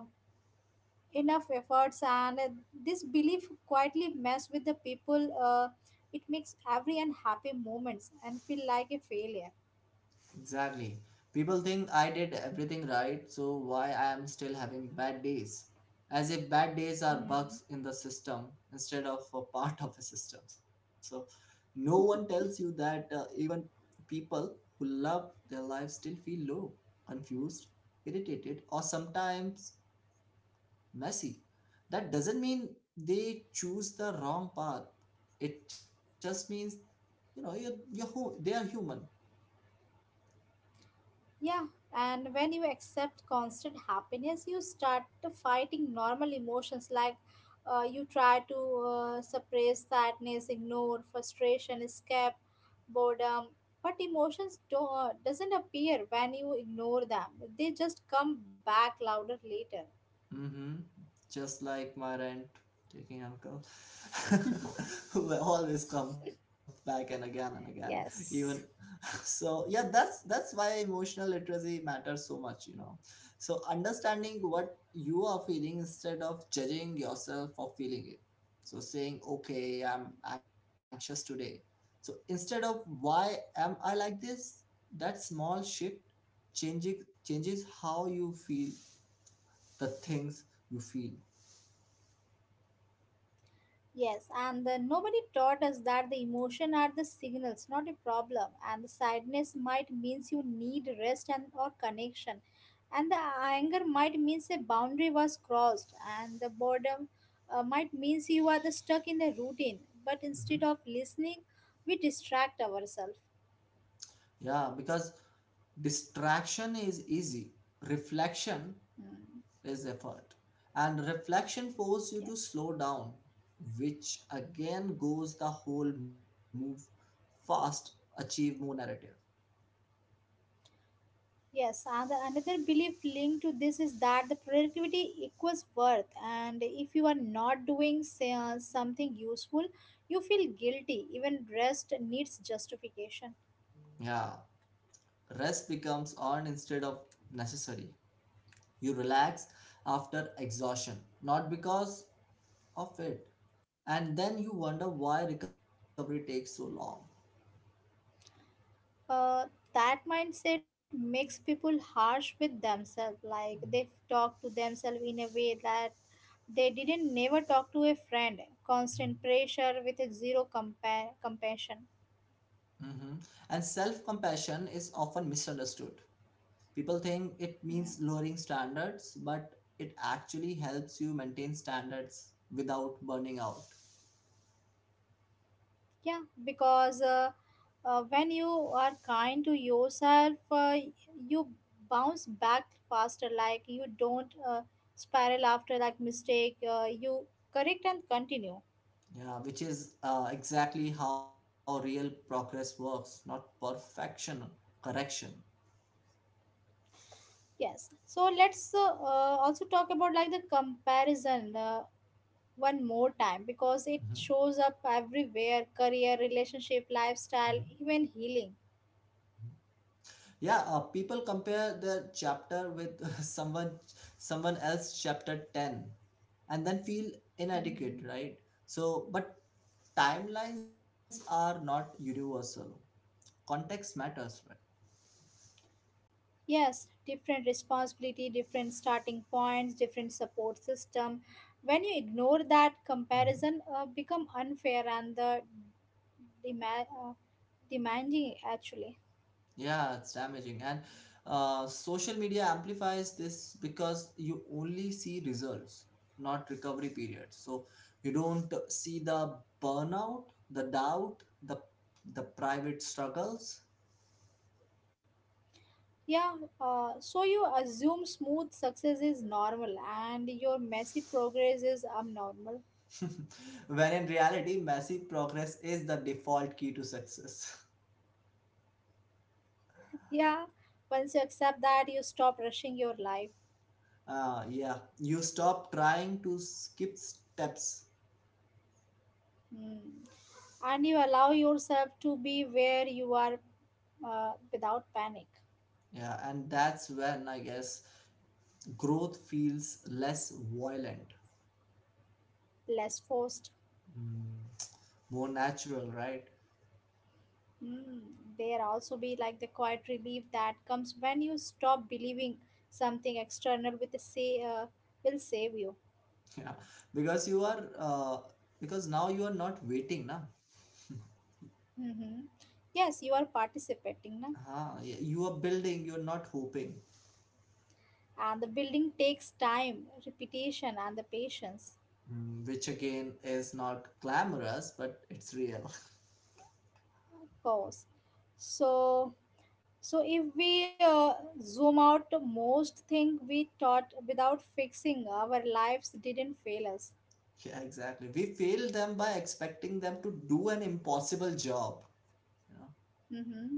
Speaker 1: enough efforts, and uh, this belief quietly mess with the people, uh, it makes every unhappy moments and feel like a failure.
Speaker 2: Exactly. People think I did everything right, so why I am still having bad days? As if bad days are
Speaker 1: Mm.
Speaker 2: bugs in the system instead of a part of a system. So no one tells you that uh, even people who love their lives still feel low, confused, irritated, or sometimes messy. That doesn't mean they choose the wrong path. It just means, you know, you're, you're hu- they are human.
Speaker 1: Yeah, and when you accept constant happiness, you start to fighting normal emotions, like uh, you try to uh, suppress sadness, ignore frustration, escape boredom. But emotions don't doesn't appear when you ignore them. They just come back louder later.
Speaker 2: Mm-hmm. Just like my rent taking uncle, who will always come back and again and again. Even
Speaker 1: Yes.
Speaker 2: so, yeah, that's that's why emotional literacy matters so much, you know. So understanding what you are feeling instead of judging yourself for feeling it. So saying, okay, I'm anxious today. So instead of why am I like this, that small shift changing changes how you feel the things you feel.
Speaker 1: Yes, and then nobody taught us that the emotion are the signals, not a problem. And the sadness might means you need rest and or connection, and the anger might means a boundary was crossed, and the boredom uh, might means you are the stuck in the routine. But
Speaker 2: Mhm.
Speaker 1: instead of listening, we distract ourselves.
Speaker 2: Yeah, because distraction is easy, reflection
Speaker 1: Hmm.
Speaker 2: is effort, and reflection forces you to
Speaker 1: Yes.
Speaker 2: slow down, which again goes the whole move fast, achieve more narrative.
Speaker 1: Yes, and the another belief linked to this is that the productivity equals worth, and if you are not doing say, uh, something useful, you feel guilty. Even rest needs justification.
Speaker 2: Yeah, rest becomes earned instead of necessary. You relax after exhaustion, not because of it, and then you wonder why recovery takes so long.
Speaker 1: Uh, that mindset makes people harsh with themselves, like
Speaker 2: Mhm.
Speaker 1: they talk to themselves in a way that they didn't never talk to a friend. Constant pressure with a zero compa- compassion.
Speaker 2: Hmm. And self compassion is often misunderstood. People think it means
Speaker 1: Hmm.
Speaker 2: lowering standards, but it actually helps you maintain standards without burning out.
Speaker 1: Yeah, because uh, uh, when you are kind to yourself, uh, you bounce back faster. Like you don't uh, spiral after like mistake. Uh, you correct and continue.
Speaker 2: Yeah, which is uh, exactly how real progress works, not perfection, correction.
Speaker 1: Yes. So let's uh, uh, also talk about like the comparison uh, one more time because it
Speaker 2: Mhm,
Speaker 1: shows up everywhere: career, relationship,
Speaker 2: mhm,
Speaker 1: lifestyle, even healing.
Speaker 2: mhm. Yeah, uh, people compare their chapter with someone someone else chapter ten and then feel inadequate,
Speaker 1: Mm-hmm.
Speaker 2: right? So, but timelines are not universal. Context matters, right?
Speaker 1: Yes, different responsibility, different starting points, different support system. When you ignore that comparison,
Speaker 2: Hmm.
Speaker 1: uh, become unfair and the demand uh, demanding actually.
Speaker 2: Yeah, it's damaging. And uh, social media amplifies this because you only see results, not recovery periods. So you don't see the burnout, the doubt, the the private struggles.
Speaker 1: Yeah, uh, so you assume smooth success is normal and your messy progress is abnormal.
Speaker 2: When in reality, massive progress is the default key to success.
Speaker 1: Yeah, once you accept that, you stop rushing your life.
Speaker 2: Uh, yeah, you stop trying to skip steps.
Speaker 1: Hmm. And you allow yourself to be where you are uh, without panic.
Speaker 2: Yeah, and that's when I guess growth feels less violent,
Speaker 1: Less forced.
Speaker 2: mm, more natural, right?
Speaker 1: Mm, there also be like the quiet relief that comes when you stop believing something external with a say uh, will save you.
Speaker 2: Yeah, because you are uh, because now you are not waiting now.
Speaker 1: Hmm. Yes, you are participating, na?
Speaker 2: Huh? You are building, you are not hoping.
Speaker 1: And the building takes time, repetition, and the patience,
Speaker 2: Mm, which again is not glamorous, but it's real.
Speaker 1: of course. So, so if we uh, zoom out, most thing we taught without fixing our lives didn't fail us.
Speaker 2: Yeah, exactly, we fail them by expecting them to do an impossible job, you know.
Speaker 1: Hmm.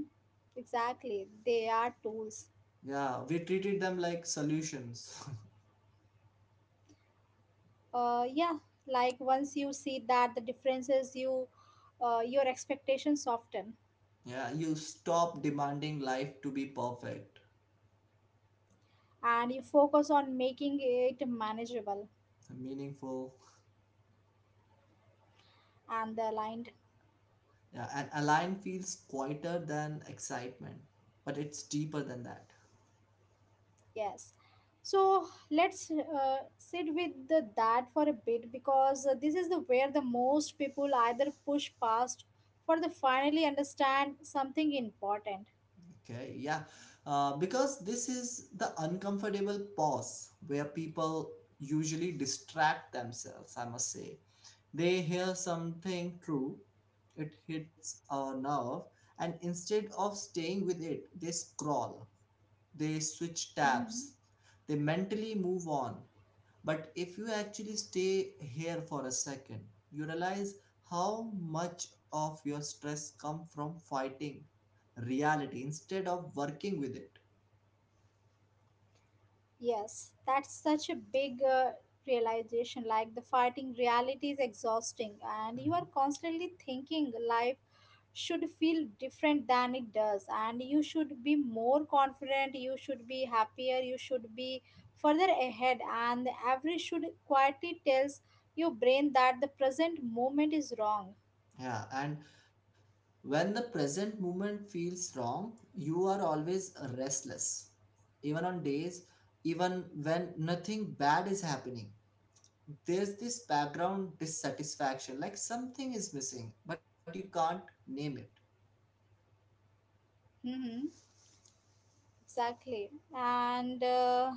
Speaker 1: Exactly, they are tools.
Speaker 2: Yeah, we treated them like solutions.
Speaker 1: Uh, yeah, like once you see that the differences, you uh, your expectations soften,
Speaker 2: Yeah, you stop demanding life to be perfect,
Speaker 1: and you focus on making it manageable
Speaker 2: meaningful.
Speaker 1: and aligned.
Speaker 2: Yeah, and align feels quieter than excitement, but it's deeper than that.
Speaker 1: Yes, so let's uh, sit with the, that for a bit, because uh, this is the where the most people either push past for the finally understand something important.
Speaker 2: Okay, yeah. Uh, because this is the uncomfortable pause where people usually distract themselves, I must say. They hear something true, it hits a nerve, and instead of staying with it, they scroll, they switch
Speaker 1: Hmm.
Speaker 2: tabs, they mentally move on. But if you actually stay here for a second, you realize how much of your stress comes from fighting reality instead of working with it.
Speaker 1: Yes, that's such a big uh, realization. Like the fighting reality is exhausting, and you are
Speaker 2: Mhm.
Speaker 1: constantly thinking life should feel different than it does, and you should be more confident, you should be happier, you should be further ahead, and the average should quietly tells your brain that the present moment is wrong.
Speaker 2: Yeah, and when the present moment feels wrong, you are always restless. Even on days, even when nothing bad is happening, there's this background dissatisfaction, like something is missing, but you can't name it.
Speaker 1: Mm-hmm. Exactly, and. Uh,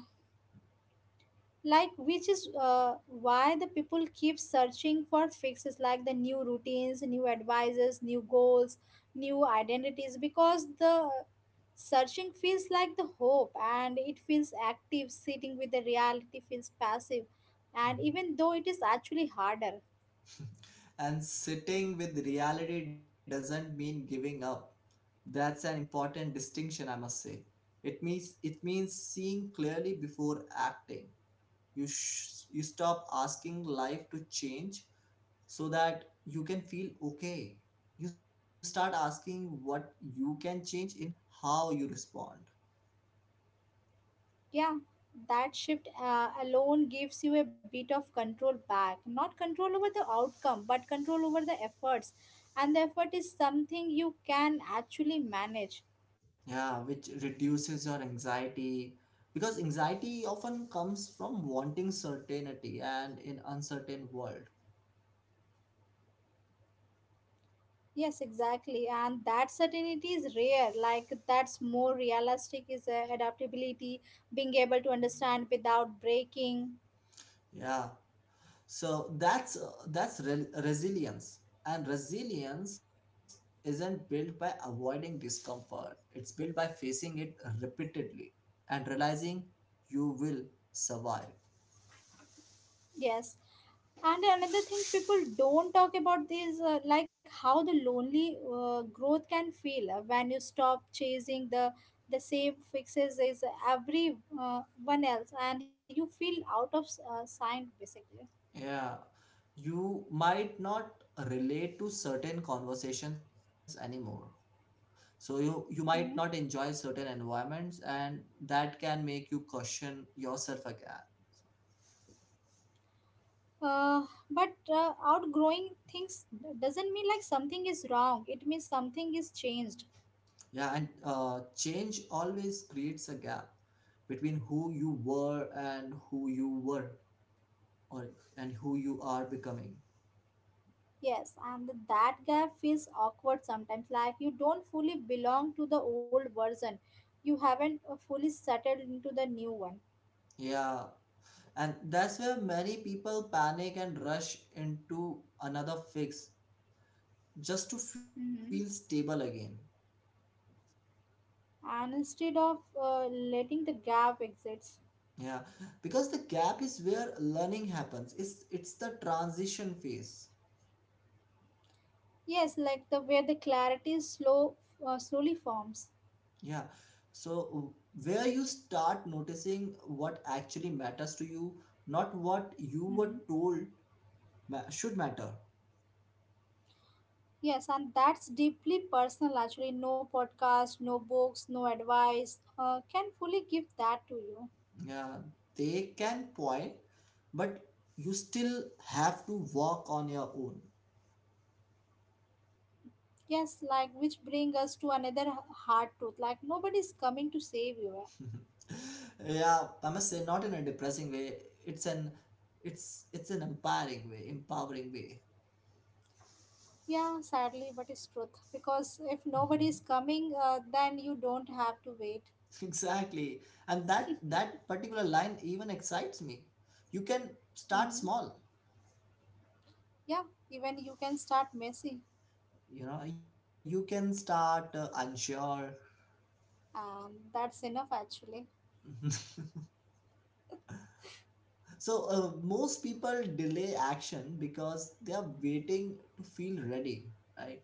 Speaker 1: Like which is uh, why the people keep searching for fixes, like the new routines, new advices, new goals, new identities, because the searching feels like the hope, and it feels active. Sitting with the reality feels passive, and even though it is actually harder.
Speaker 2: And sitting with reality doesn't mean giving up. That's an important distinction, I must say. It means it means seeing clearly before acting. You sh- you stop asking life to change so that you can feel okay. You start asking what you can change in how you respond.
Speaker 1: Yeah, that shift uh, alone gives you a bit of control back, not control over the outcome but control over the efforts, and the effort is something you can actually manage.
Speaker 2: Yeah, which reduces your anxiety, because anxiety often comes from wanting certainty and in uncertain world.
Speaker 1: Yes, exactly. And that certainty is rare. Like, that's more realistic is uh, adaptability, being able to understand without breaking.
Speaker 2: Yeah. So that's uh, that's re- resilience. And resilience isn't built by avoiding discomfort. It's built by facing it repeatedly and realizing you will survive.
Speaker 1: Yes. And another thing people don't talk about is uh, like how the lonely uh, growth can feel uh, when you stop chasing the the same fixes as everyone else, and you feel out of uh, sync, basically.
Speaker 2: Yeah. You might not relate to certain conversations anymore. So you you might not
Speaker 1: Mhm.
Speaker 2: enjoy certain environments, and that can make you question yourself again.
Speaker 1: Uh, but uh, outgrowing things doesn't mean like something is wrong. It means something is changed.
Speaker 2: Yeah, and uh, change always creates a gap between who you were and who you were or and who you are becoming.
Speaker 1: Yes, and that gap feels awkward sometimes. Like you don't fully belong to the old version. You haven't uh, fully settled into the new one.
Speaker 2: Yeah, and that's where many people panic and rush into another fix just to feel
Speaker 1: Mm-hmm.
Speaker 2: stable again.
Speaker 1: And instead of uh, letting the gap exist,
Speaker 2: Yeah, because the gap is where learning happens. It's it's the transition phase.
Speaker 1: yes, like the where the clarity is slow, uh, slowly forms.
Speaker 2: Yeah. So, where you start noticing what actually matters to you, not what you were told ma- should matter.
Speaker 1: Yes, and that's deeply personal actually. No podcast, no books, no advice uh, can fully give that to you.
Speaker 2: Yeah, they can point, but you still have to walk on your own.
Speaker 1: Yes, like which bring us to another h- hard truth. Like nobody's coming to save you, eh?
Speaker 2: Yeah, I must say, not in a depressing way. It's an it's it's an empowering way, empowering way.
Speaker 1: Yeah, sadly, but it's truth. Because if
Speaker 2: Mhm.
Speaker 1: nobody is coming, uh, then you don't have to wait.
Speaker 2: Exactly. And that that particular line even excites me. You can start
Speaker 1: Mm-hmm.
Speaker 2: small,
Speaker 1: Yeah, even you can start messy,
Speaker 2: you know, you can start uh, unsure.
Speaker 1: and that's enough actually.
Speaker 2: so uh, most people delay action because they are waiting to feel ready, right?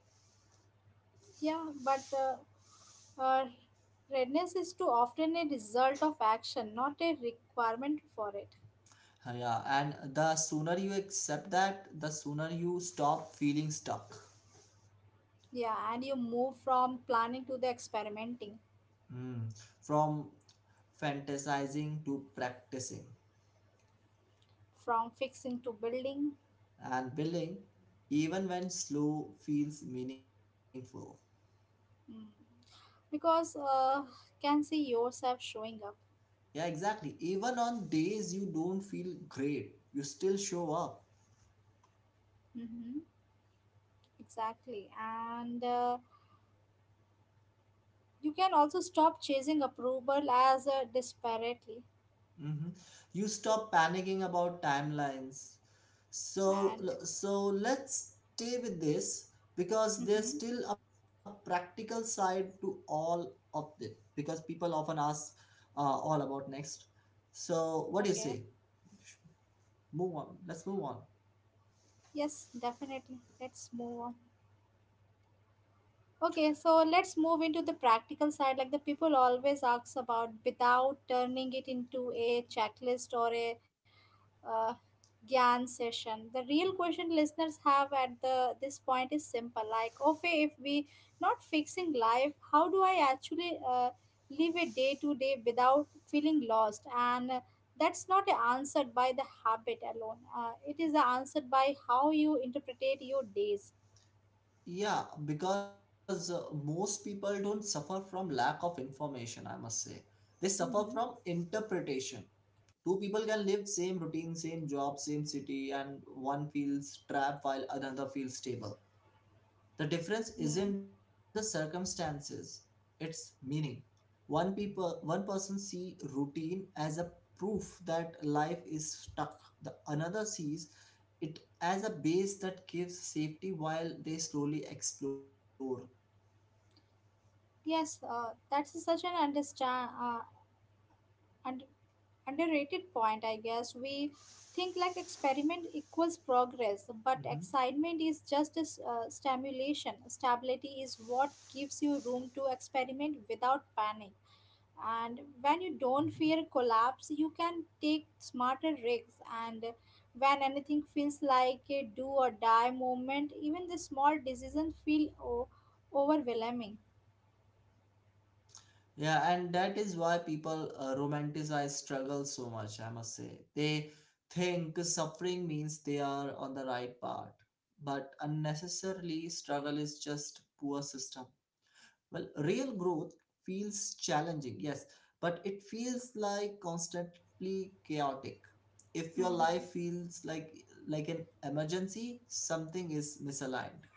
Speaker 1: Yeah, but uh, Uh, readiness is too often a result of action, not a requirement for it.
Speaker 2: Uh, yeah, and the sooner you accept that, the sooner you stop feeling stuck.
Speaker 1: Yeah, and you move from planning to the experimenting,
Speaker 2: Mm. From fantasizing to practicing,
Speaker 1: from fixing to building,
Speaker 2: and building, even when slow, feels meaningful.
Speaker 1: mm. because uh, can see yourself showing up.
Speaker 2: Yeah, exactly, even on days you don't feel great you still show up.
Speaker 1: Mm-hmm. Exactly, and uh, you can also stop chasing approval as uh, disparately.
Speaker 2: Mm-hmm. You stop panicking about timelines. So,
Speaker 1: And
Speaker 2: l- so let's stay with this, because there's
Speaker 1: mm-hmm.
Speaker 2: still a practical side to all of it, because people often ask uh, all about next. So, what do you
Speaker 1: Okay,
Speaker 2: say? Move on. Let's move on.
Speaker 1: yes, definitely. Let's move on. Okay, so let's move into the practical side. Like the people always ask about without turning it into a checklist or a uh, Gyan session. The real question listeners have at the this point is simple. Like, okay, if we not fixing life, how do I actually uh, live a day to day without feeling lost? And uh, that's not answered by the habit alone. Uh, it is answered by how you interpretate your days.
Speaker 2: Yeah, because uh, most people don't suffer from lack of information, I must say. They suffer
Speaker 1: Mm-hmm.
Speaker 2: from interpretation. Two people can live same routine, same job, same city, and one feels trapped while another feels stable. The difference
Speaker 1: Mm-hmm.
Speaker 2: isn't the circumstances, it's meaning. One people one person see routine as a proof that life is stuck, the another sees it as a base that gives safety while they slowly explore.
Speaker 1: Yes, uh, that's such an understand uh, und- underrated point, I guess. We think like experiment equals progress, but
Speaker 2: Mhm,
Speaker 1: excitement is just a s- uh, stimulation. Stability is what gives you room to experiment without panic. And
Speaker 2: mhm.
Speaker 1: when you don't fear collapse, you can take smarter risks. And when anything feels like a do or die moment, even the small decisions feel o- overwhelming.
Speaker 2: Yeah, and that is why people uh, romanticize struggle so much, I must say. They think suffering means they are on the right path, but unnecessarily, struggle is just poor system. Well, real growth feels challenging, yes, but it feels like constantly chaotic. If your life feels like like an emergency, something is misaligned.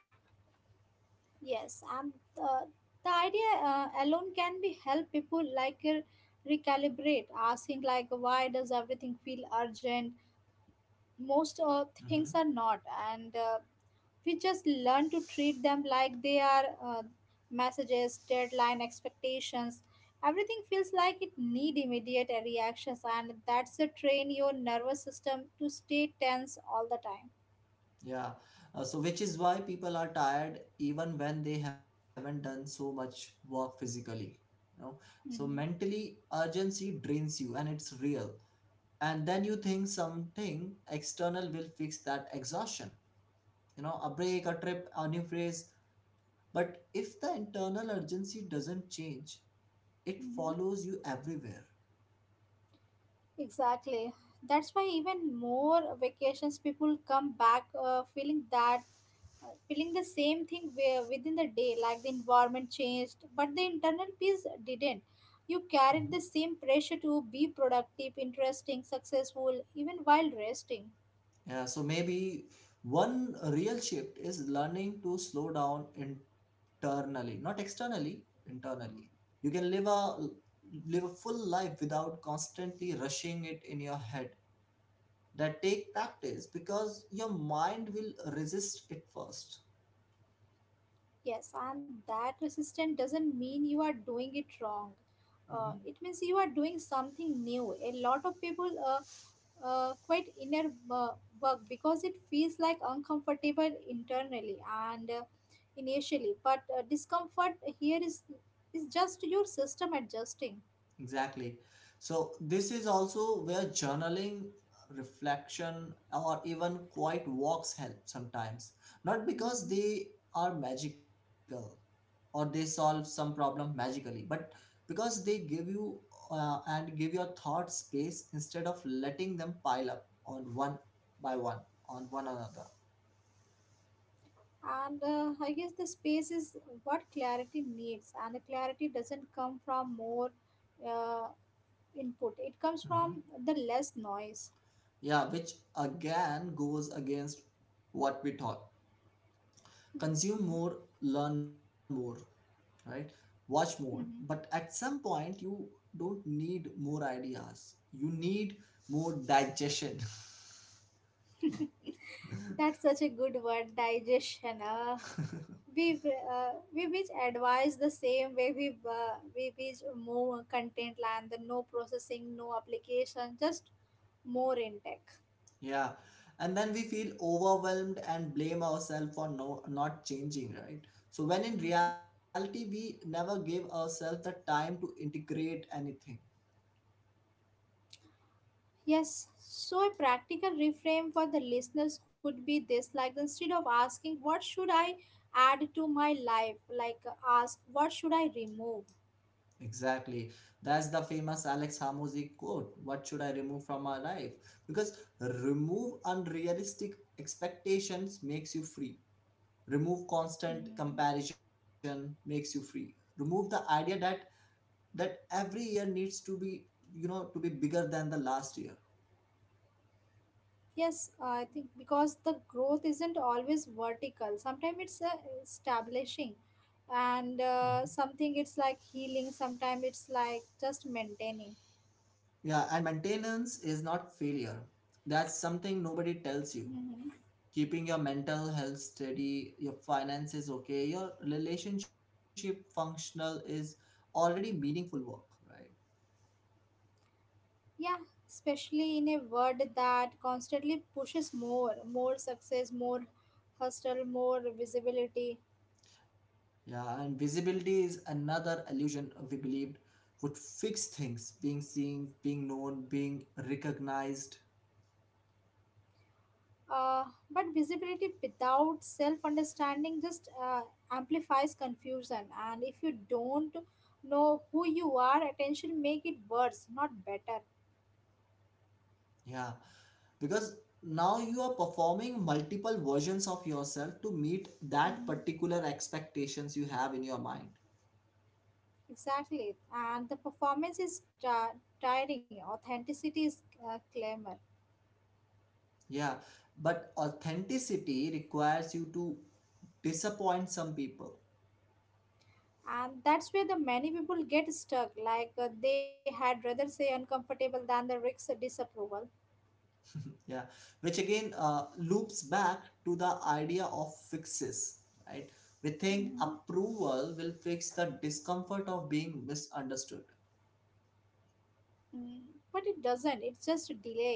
Speaker 1: Yes, and uh, the idea uh, alone can be help people like uh, recalibrate, asking like why does everything feel urgent? Most uh, things are
Speaker 2: Mm-hmm.
Speaker 1: not, and uh, we just learn to treat them like they are uh, messages, deadline, expectations. Everything feels like it need immediate reactions, and that's a train your nervous system to stay tense all the time.
Speaker 2: Yeah. Uh, so, which is why people are tired even when they haven't done so much work physically. You know, so
Speaker 1: Hmm.
Speaker 2: mentally, urgency drains you and it's real. And then you think something external will fix that exhaustion. You know, a break, a trip, a new phrase. But if the internal urgency doesn't change, it follows
Speaker 1: Hmm.
Speaker 2: you everywhere.
Speaker 1: Exactly. That's why even more vacations people come back uh, feeling that uh, feeling the same thing wi- within the day, like the environment changed but the internal peace didn't. You
Speaker 2: Mm-hmm.
Speaker 1: carried the same pressure to be productive interesting successful even while resting.
Speaker 2: Yeah, so maybe one real shift is learning to slow down internally, not externally, internally. You can live a live a full life without constantly rushing it in your head. That take practice because your mind will resist it first.
Speaker 1: Yes, and that resistance doesn't mean you are doing it wrong. Uh,
Speaker 2: Mm-hmm.
Speaker 1: it means you are doing something new. A lot of people uh, uh, quite inner wo- work because it feels like uncomfortable internally and uh, initially, but uh, discomfort here is is just your system adjusting.
Speaker 2: Exactly. So this is also where journaling, reflection, or even quiet walks help sometimes. Not because
Speaker 1: Hmm.
Speaker 2: they are magical or they solve some problem magically, but because they give you uh, and give your thought space instead of letting them pile up on one by one on one another.
Speaker 1: And uh, I guess the space is what clarity needs, and the clarity doesn't come from more uh, input, it comes
Speaker 2: Mhm.
Speaker 1: from the less noise.
Speaker 2: Yeah, which again goes against what we taught.
Speaker 1: Hmm.
Speaker 2: Consume more, learn more, right? Watch more. But
Speaker 1: Hmm.
Speaker 2: at some point you don't need more ideas, you need more digestion.
Speaker 1: That's such a good word, digestion uh, We uh, we which advise the same way we uh, we which more content land the no processing no application, just more in tech.
Speaker 2: Yeah, and then we feel overwhelmed and blame ourselves for no, not changing, right? So, when in
Speaker 1: Hmm.
Speaker 2: reality, we never give ourselves the time to integrate anything.
Speaker 1: Yes, so a practical reframe for the listeners could be this, like instead of asking what should I add to my life, like ask what should I remove.
Speaker 2: Exactly. That's the famous Alex Hamosi quote. What should I remove from my life? Because remove unrealistic expectations makes you free, remove constant
Speaker 1: Mhm.
Speaker 2: comparison makes you free, remove the idea that that every year needs to be, you know, to be bigger than the last year.
Speaker 1: Yes, I think because the growth isn't always vertical. Sometimes it's uh, establishing,
Speaker 2: Mm-hmm.
Speaker 1: and uh, something it's like healing. Sometimes it's like just maintaining.
Speaker 2: Yeah, and maintenance is not failure. That's something nobody tells you.
Speaker 1: Hmm.
Speaker 2: Keeping your mental health steady, your finances okay, your relationship functional is already meaningful work, right?
Speaker 1: Yeah, especially in a world that constantly pushes more, more success, more hustle, more visibility.
Speaker 2: Yeah, and visibility is another illusion we believed would fix things, being seen, being known, being recognized.
Speaker 1: Uh, but visibility without self understanding just uh, amplifies confusion. And if you don't know who you are, attention make it worse, not better.
Speaker 2: Yeah, because now you are performing multiple versions of yourself to meet that
Speaker 1: Mhm.
Speaker 2: particular expectations you have in your mind.
Speaker 1: Exactly. And the performance is ti- tiring. Authenticity is uh, clamor.
Speaker 2: Yeah, but authenticity requires you to disappoint some people.
Speaker 1: And that's where the many people get stuck. Like uh, they had rather say uncomfortable than the risks disapproval.
Speaker 2: Yeah, which again uh, loops back to the idea of fixes, right? We think
Speaker 1: Mhm.
Speaker 2: approval will fix the discomfort of being misunderstood.
Speaker 1: Mm. But it doesn't. It's just delayed.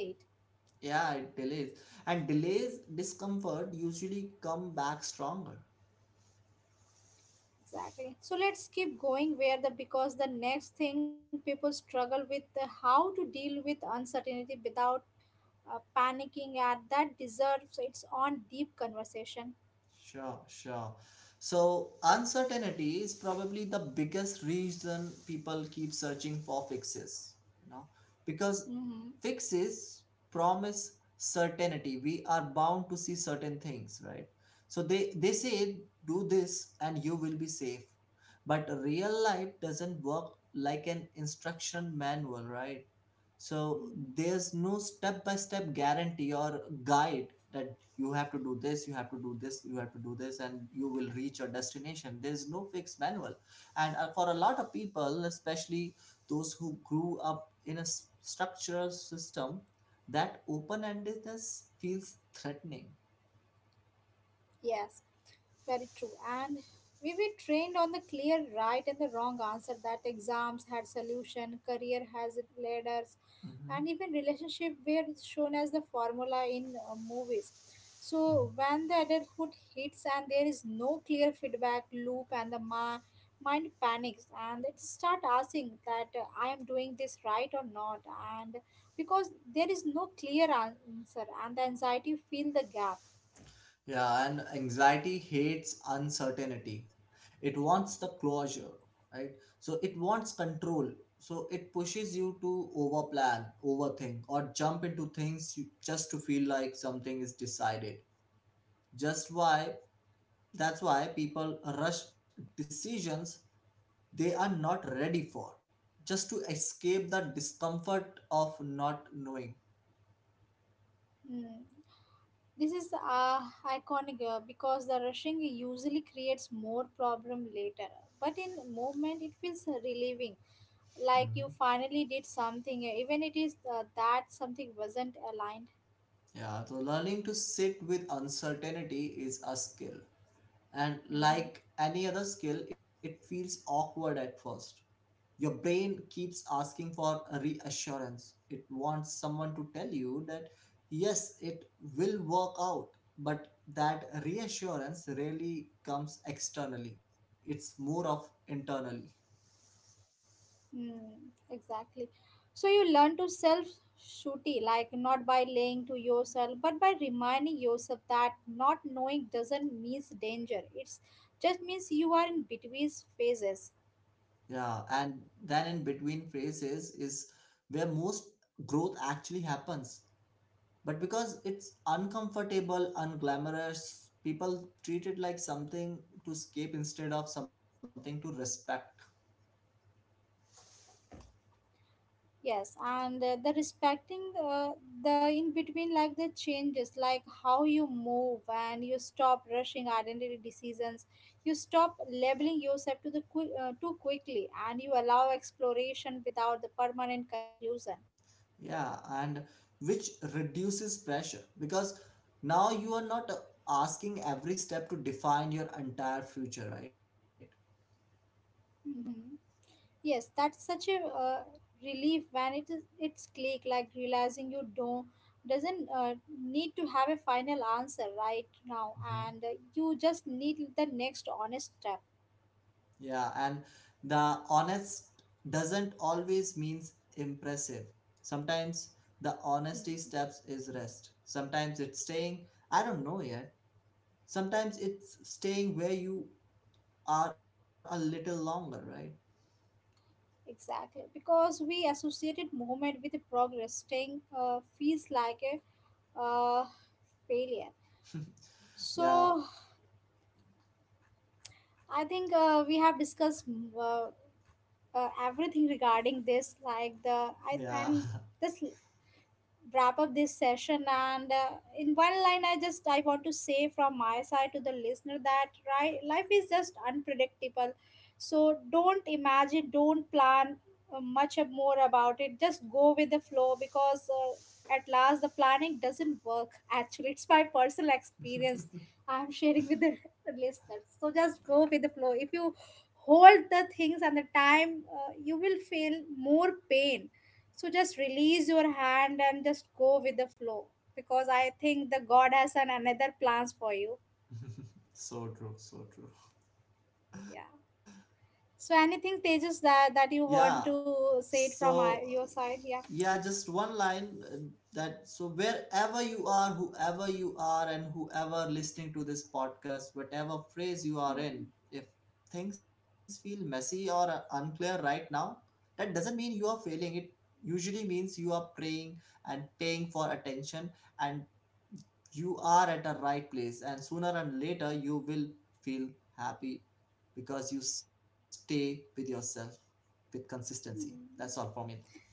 Speaker 2: Yeah, it delays, and delays discomfort usually come back stronger.
Speaker 1: Exactly. So let's keep going where the because the next thing people struggle with uh, how to deal with uncertainty without uh, panicking at that deserves its own deep conversation.
Speaker 2: Sure, sure. So, uncertainty is probably the biggest reason people keep searching for fixes, you know, because
Speaker 1: Mm-hmm.
Speaker 2: fixes promise certainty. We are bound to see certain things, right? So they they say do this and you will be safe. But real life doesn't work like an instruction manual, right? So
Speaker 1: Mm-hmm.
Speaker 2: there's no step by step guarantee or guide that you have to do this, you have to do this, you have to do this, and you will reach your destination. There's no fixed manual. And uh, for a lot of people, especially those who grew up in a s- structural system, that open endedness feels threatening.
Speaker 1: Yes. Very true. And we were trained on the clear right and the wrong answer that exams had solution, career has ladders,
Speaker 2: Mhm.
Speaker 1: and even relationship were shown as the formula in uh, movies. So when the adulthood hits and there is no clear feedback loop and the ma- mind panics and it start asking that uh, I am doing this right or not, and because there is no clear answer and the anxiety fill the gap.
Speaker 2: Yeah, and anxiety hates uncertainty. It wants the closure, right? So it wants control. So it pushes you to overplan, overthink, or jump into things you, just to feel like something is decided. Just why? That's why people rush decisions they are not ready for, just to escape the discomfort of not knowing.
Speaker 1: Hmm. This is uh, iconic uh, because the rushing usually creates more problem later. But in movement, it feels relieving, like
Speaker 2: Mhm.
Speaker 1: you finally did something, uh, even it is uh, that something wasn't aligned.
Speaker 2: Yeah, so learning to sit with uncertainty is a skill. And like
Speaker 1: Hmm.
Speaker 2: any other skill, it feels awkward at first. Your brain keeps asking for a reassurance. It wants someone to tell you that yes, it will work out, but that reassurance rarely comes externally. It's more of internally.
Speaker 1: Mm, exactly. So you learn to self shooty, like not by laying to yourself, but by reminding yourself that not knowing doesn't means danger. It's just means you are in between phases.
Speaker 2: Yeah, and then in between phases is where most growth actually happens. But because it's uncomfortable, unglamorous, people treat it like something to escape instead of something to respect.
Speaker 1: Yes, and uh, the respecting uh, the in between, like the changes, like how you move and you stop rushing identity decisions, you stop labeling yourself to the qui- uh, too quickly, and you allow exploration without the permanent conclusion.
Speaker 2: Yeah, and which reduces pressure because now you are not uh, asking every step to define your entire future, right?
Speaker 1: Mhm. Yes, that's such a uh, relief when it is it's click, like realizing you don't doesn't uh, need to have a final answer right now,
Speaker 2: Hmm.
Speaker 1: and uh, you just need the next honest step.
Speaker 2: Yeah, and the honest doesn't always means impressive. Sometimes the honesty
Speaker 1: Hmm.
Speaker 2: steps is rest. Sometimes it's saying, I don't know yet, sometimes it's staying where you are a little longer, right?
Speaker 1: Exactly, because we associated movement with progress, staying uh, feels like a uh, failure.
Speaker 2: Yeah,
Speaker 1: So I think uh, we have discussed mm, uh, uh, everything regarding this, like the I,
Speaker 2: yeah.
Speaker 1: and this wrap up this session, and uh, in one line I just I want to say from my side to the listener that right life is just unpredictable, so don't imagine, don't plan uh, much ab- more about it, just go with the flow, because uh, at last the planning doesn't work actually. It's my personal experience I'm sharing with the listeners, so just go with the flow. If you hold the things and the time, uh, you will feel more pain, so just release your hand and just go with the flow, because I think the god has an another plans for you.
Speaker 2: So true, so true.
Speaker 1: Yeah, so anything Tejas that that you
Speaker 2: Yeah.
Speaker 1: want to say it
Speaker 2: so
Speaker 1: from uh, your side, yeah.
Speaker 2: yeah just one line, uh, that so wherever you are, whoever you are, and whoever listening to this podcast, whatever phrase you are in, if things feel messy or uh, unclear right now, that doesn't mean you are failing. It usually means you are praying and paying for attention, and you are at a right place, and sooner and later you will feel happy because you stay with yourself with consistency. That's all for me.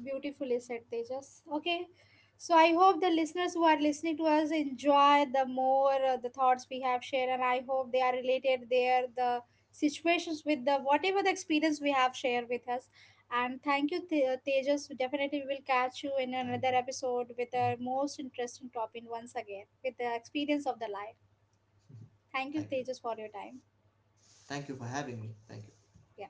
Speaker 1: Beautifully said, Tejas. Okay, so I hope the listeners who are listening to us enjoy the more uh, the thoughts we have shared, and I hope they are related there the situations with the whatever the experience we have shared with us. And thank you, Te- uh, Tejas. Definitely, we will catch you in another
Speaker 2: Thank you.
Speaker 1: episode with a most
Speaker 2: Mhm.
Speaker 1: interesting topic once again with the experience of the life. Thank you, Tejas, for
Speaker 2: Thank
Speaker 1: your
Speaker 2: you.
Speaker 1: time.
Speaker 2: Thank you for having me. Thank you.
Speaker 1: Yeah.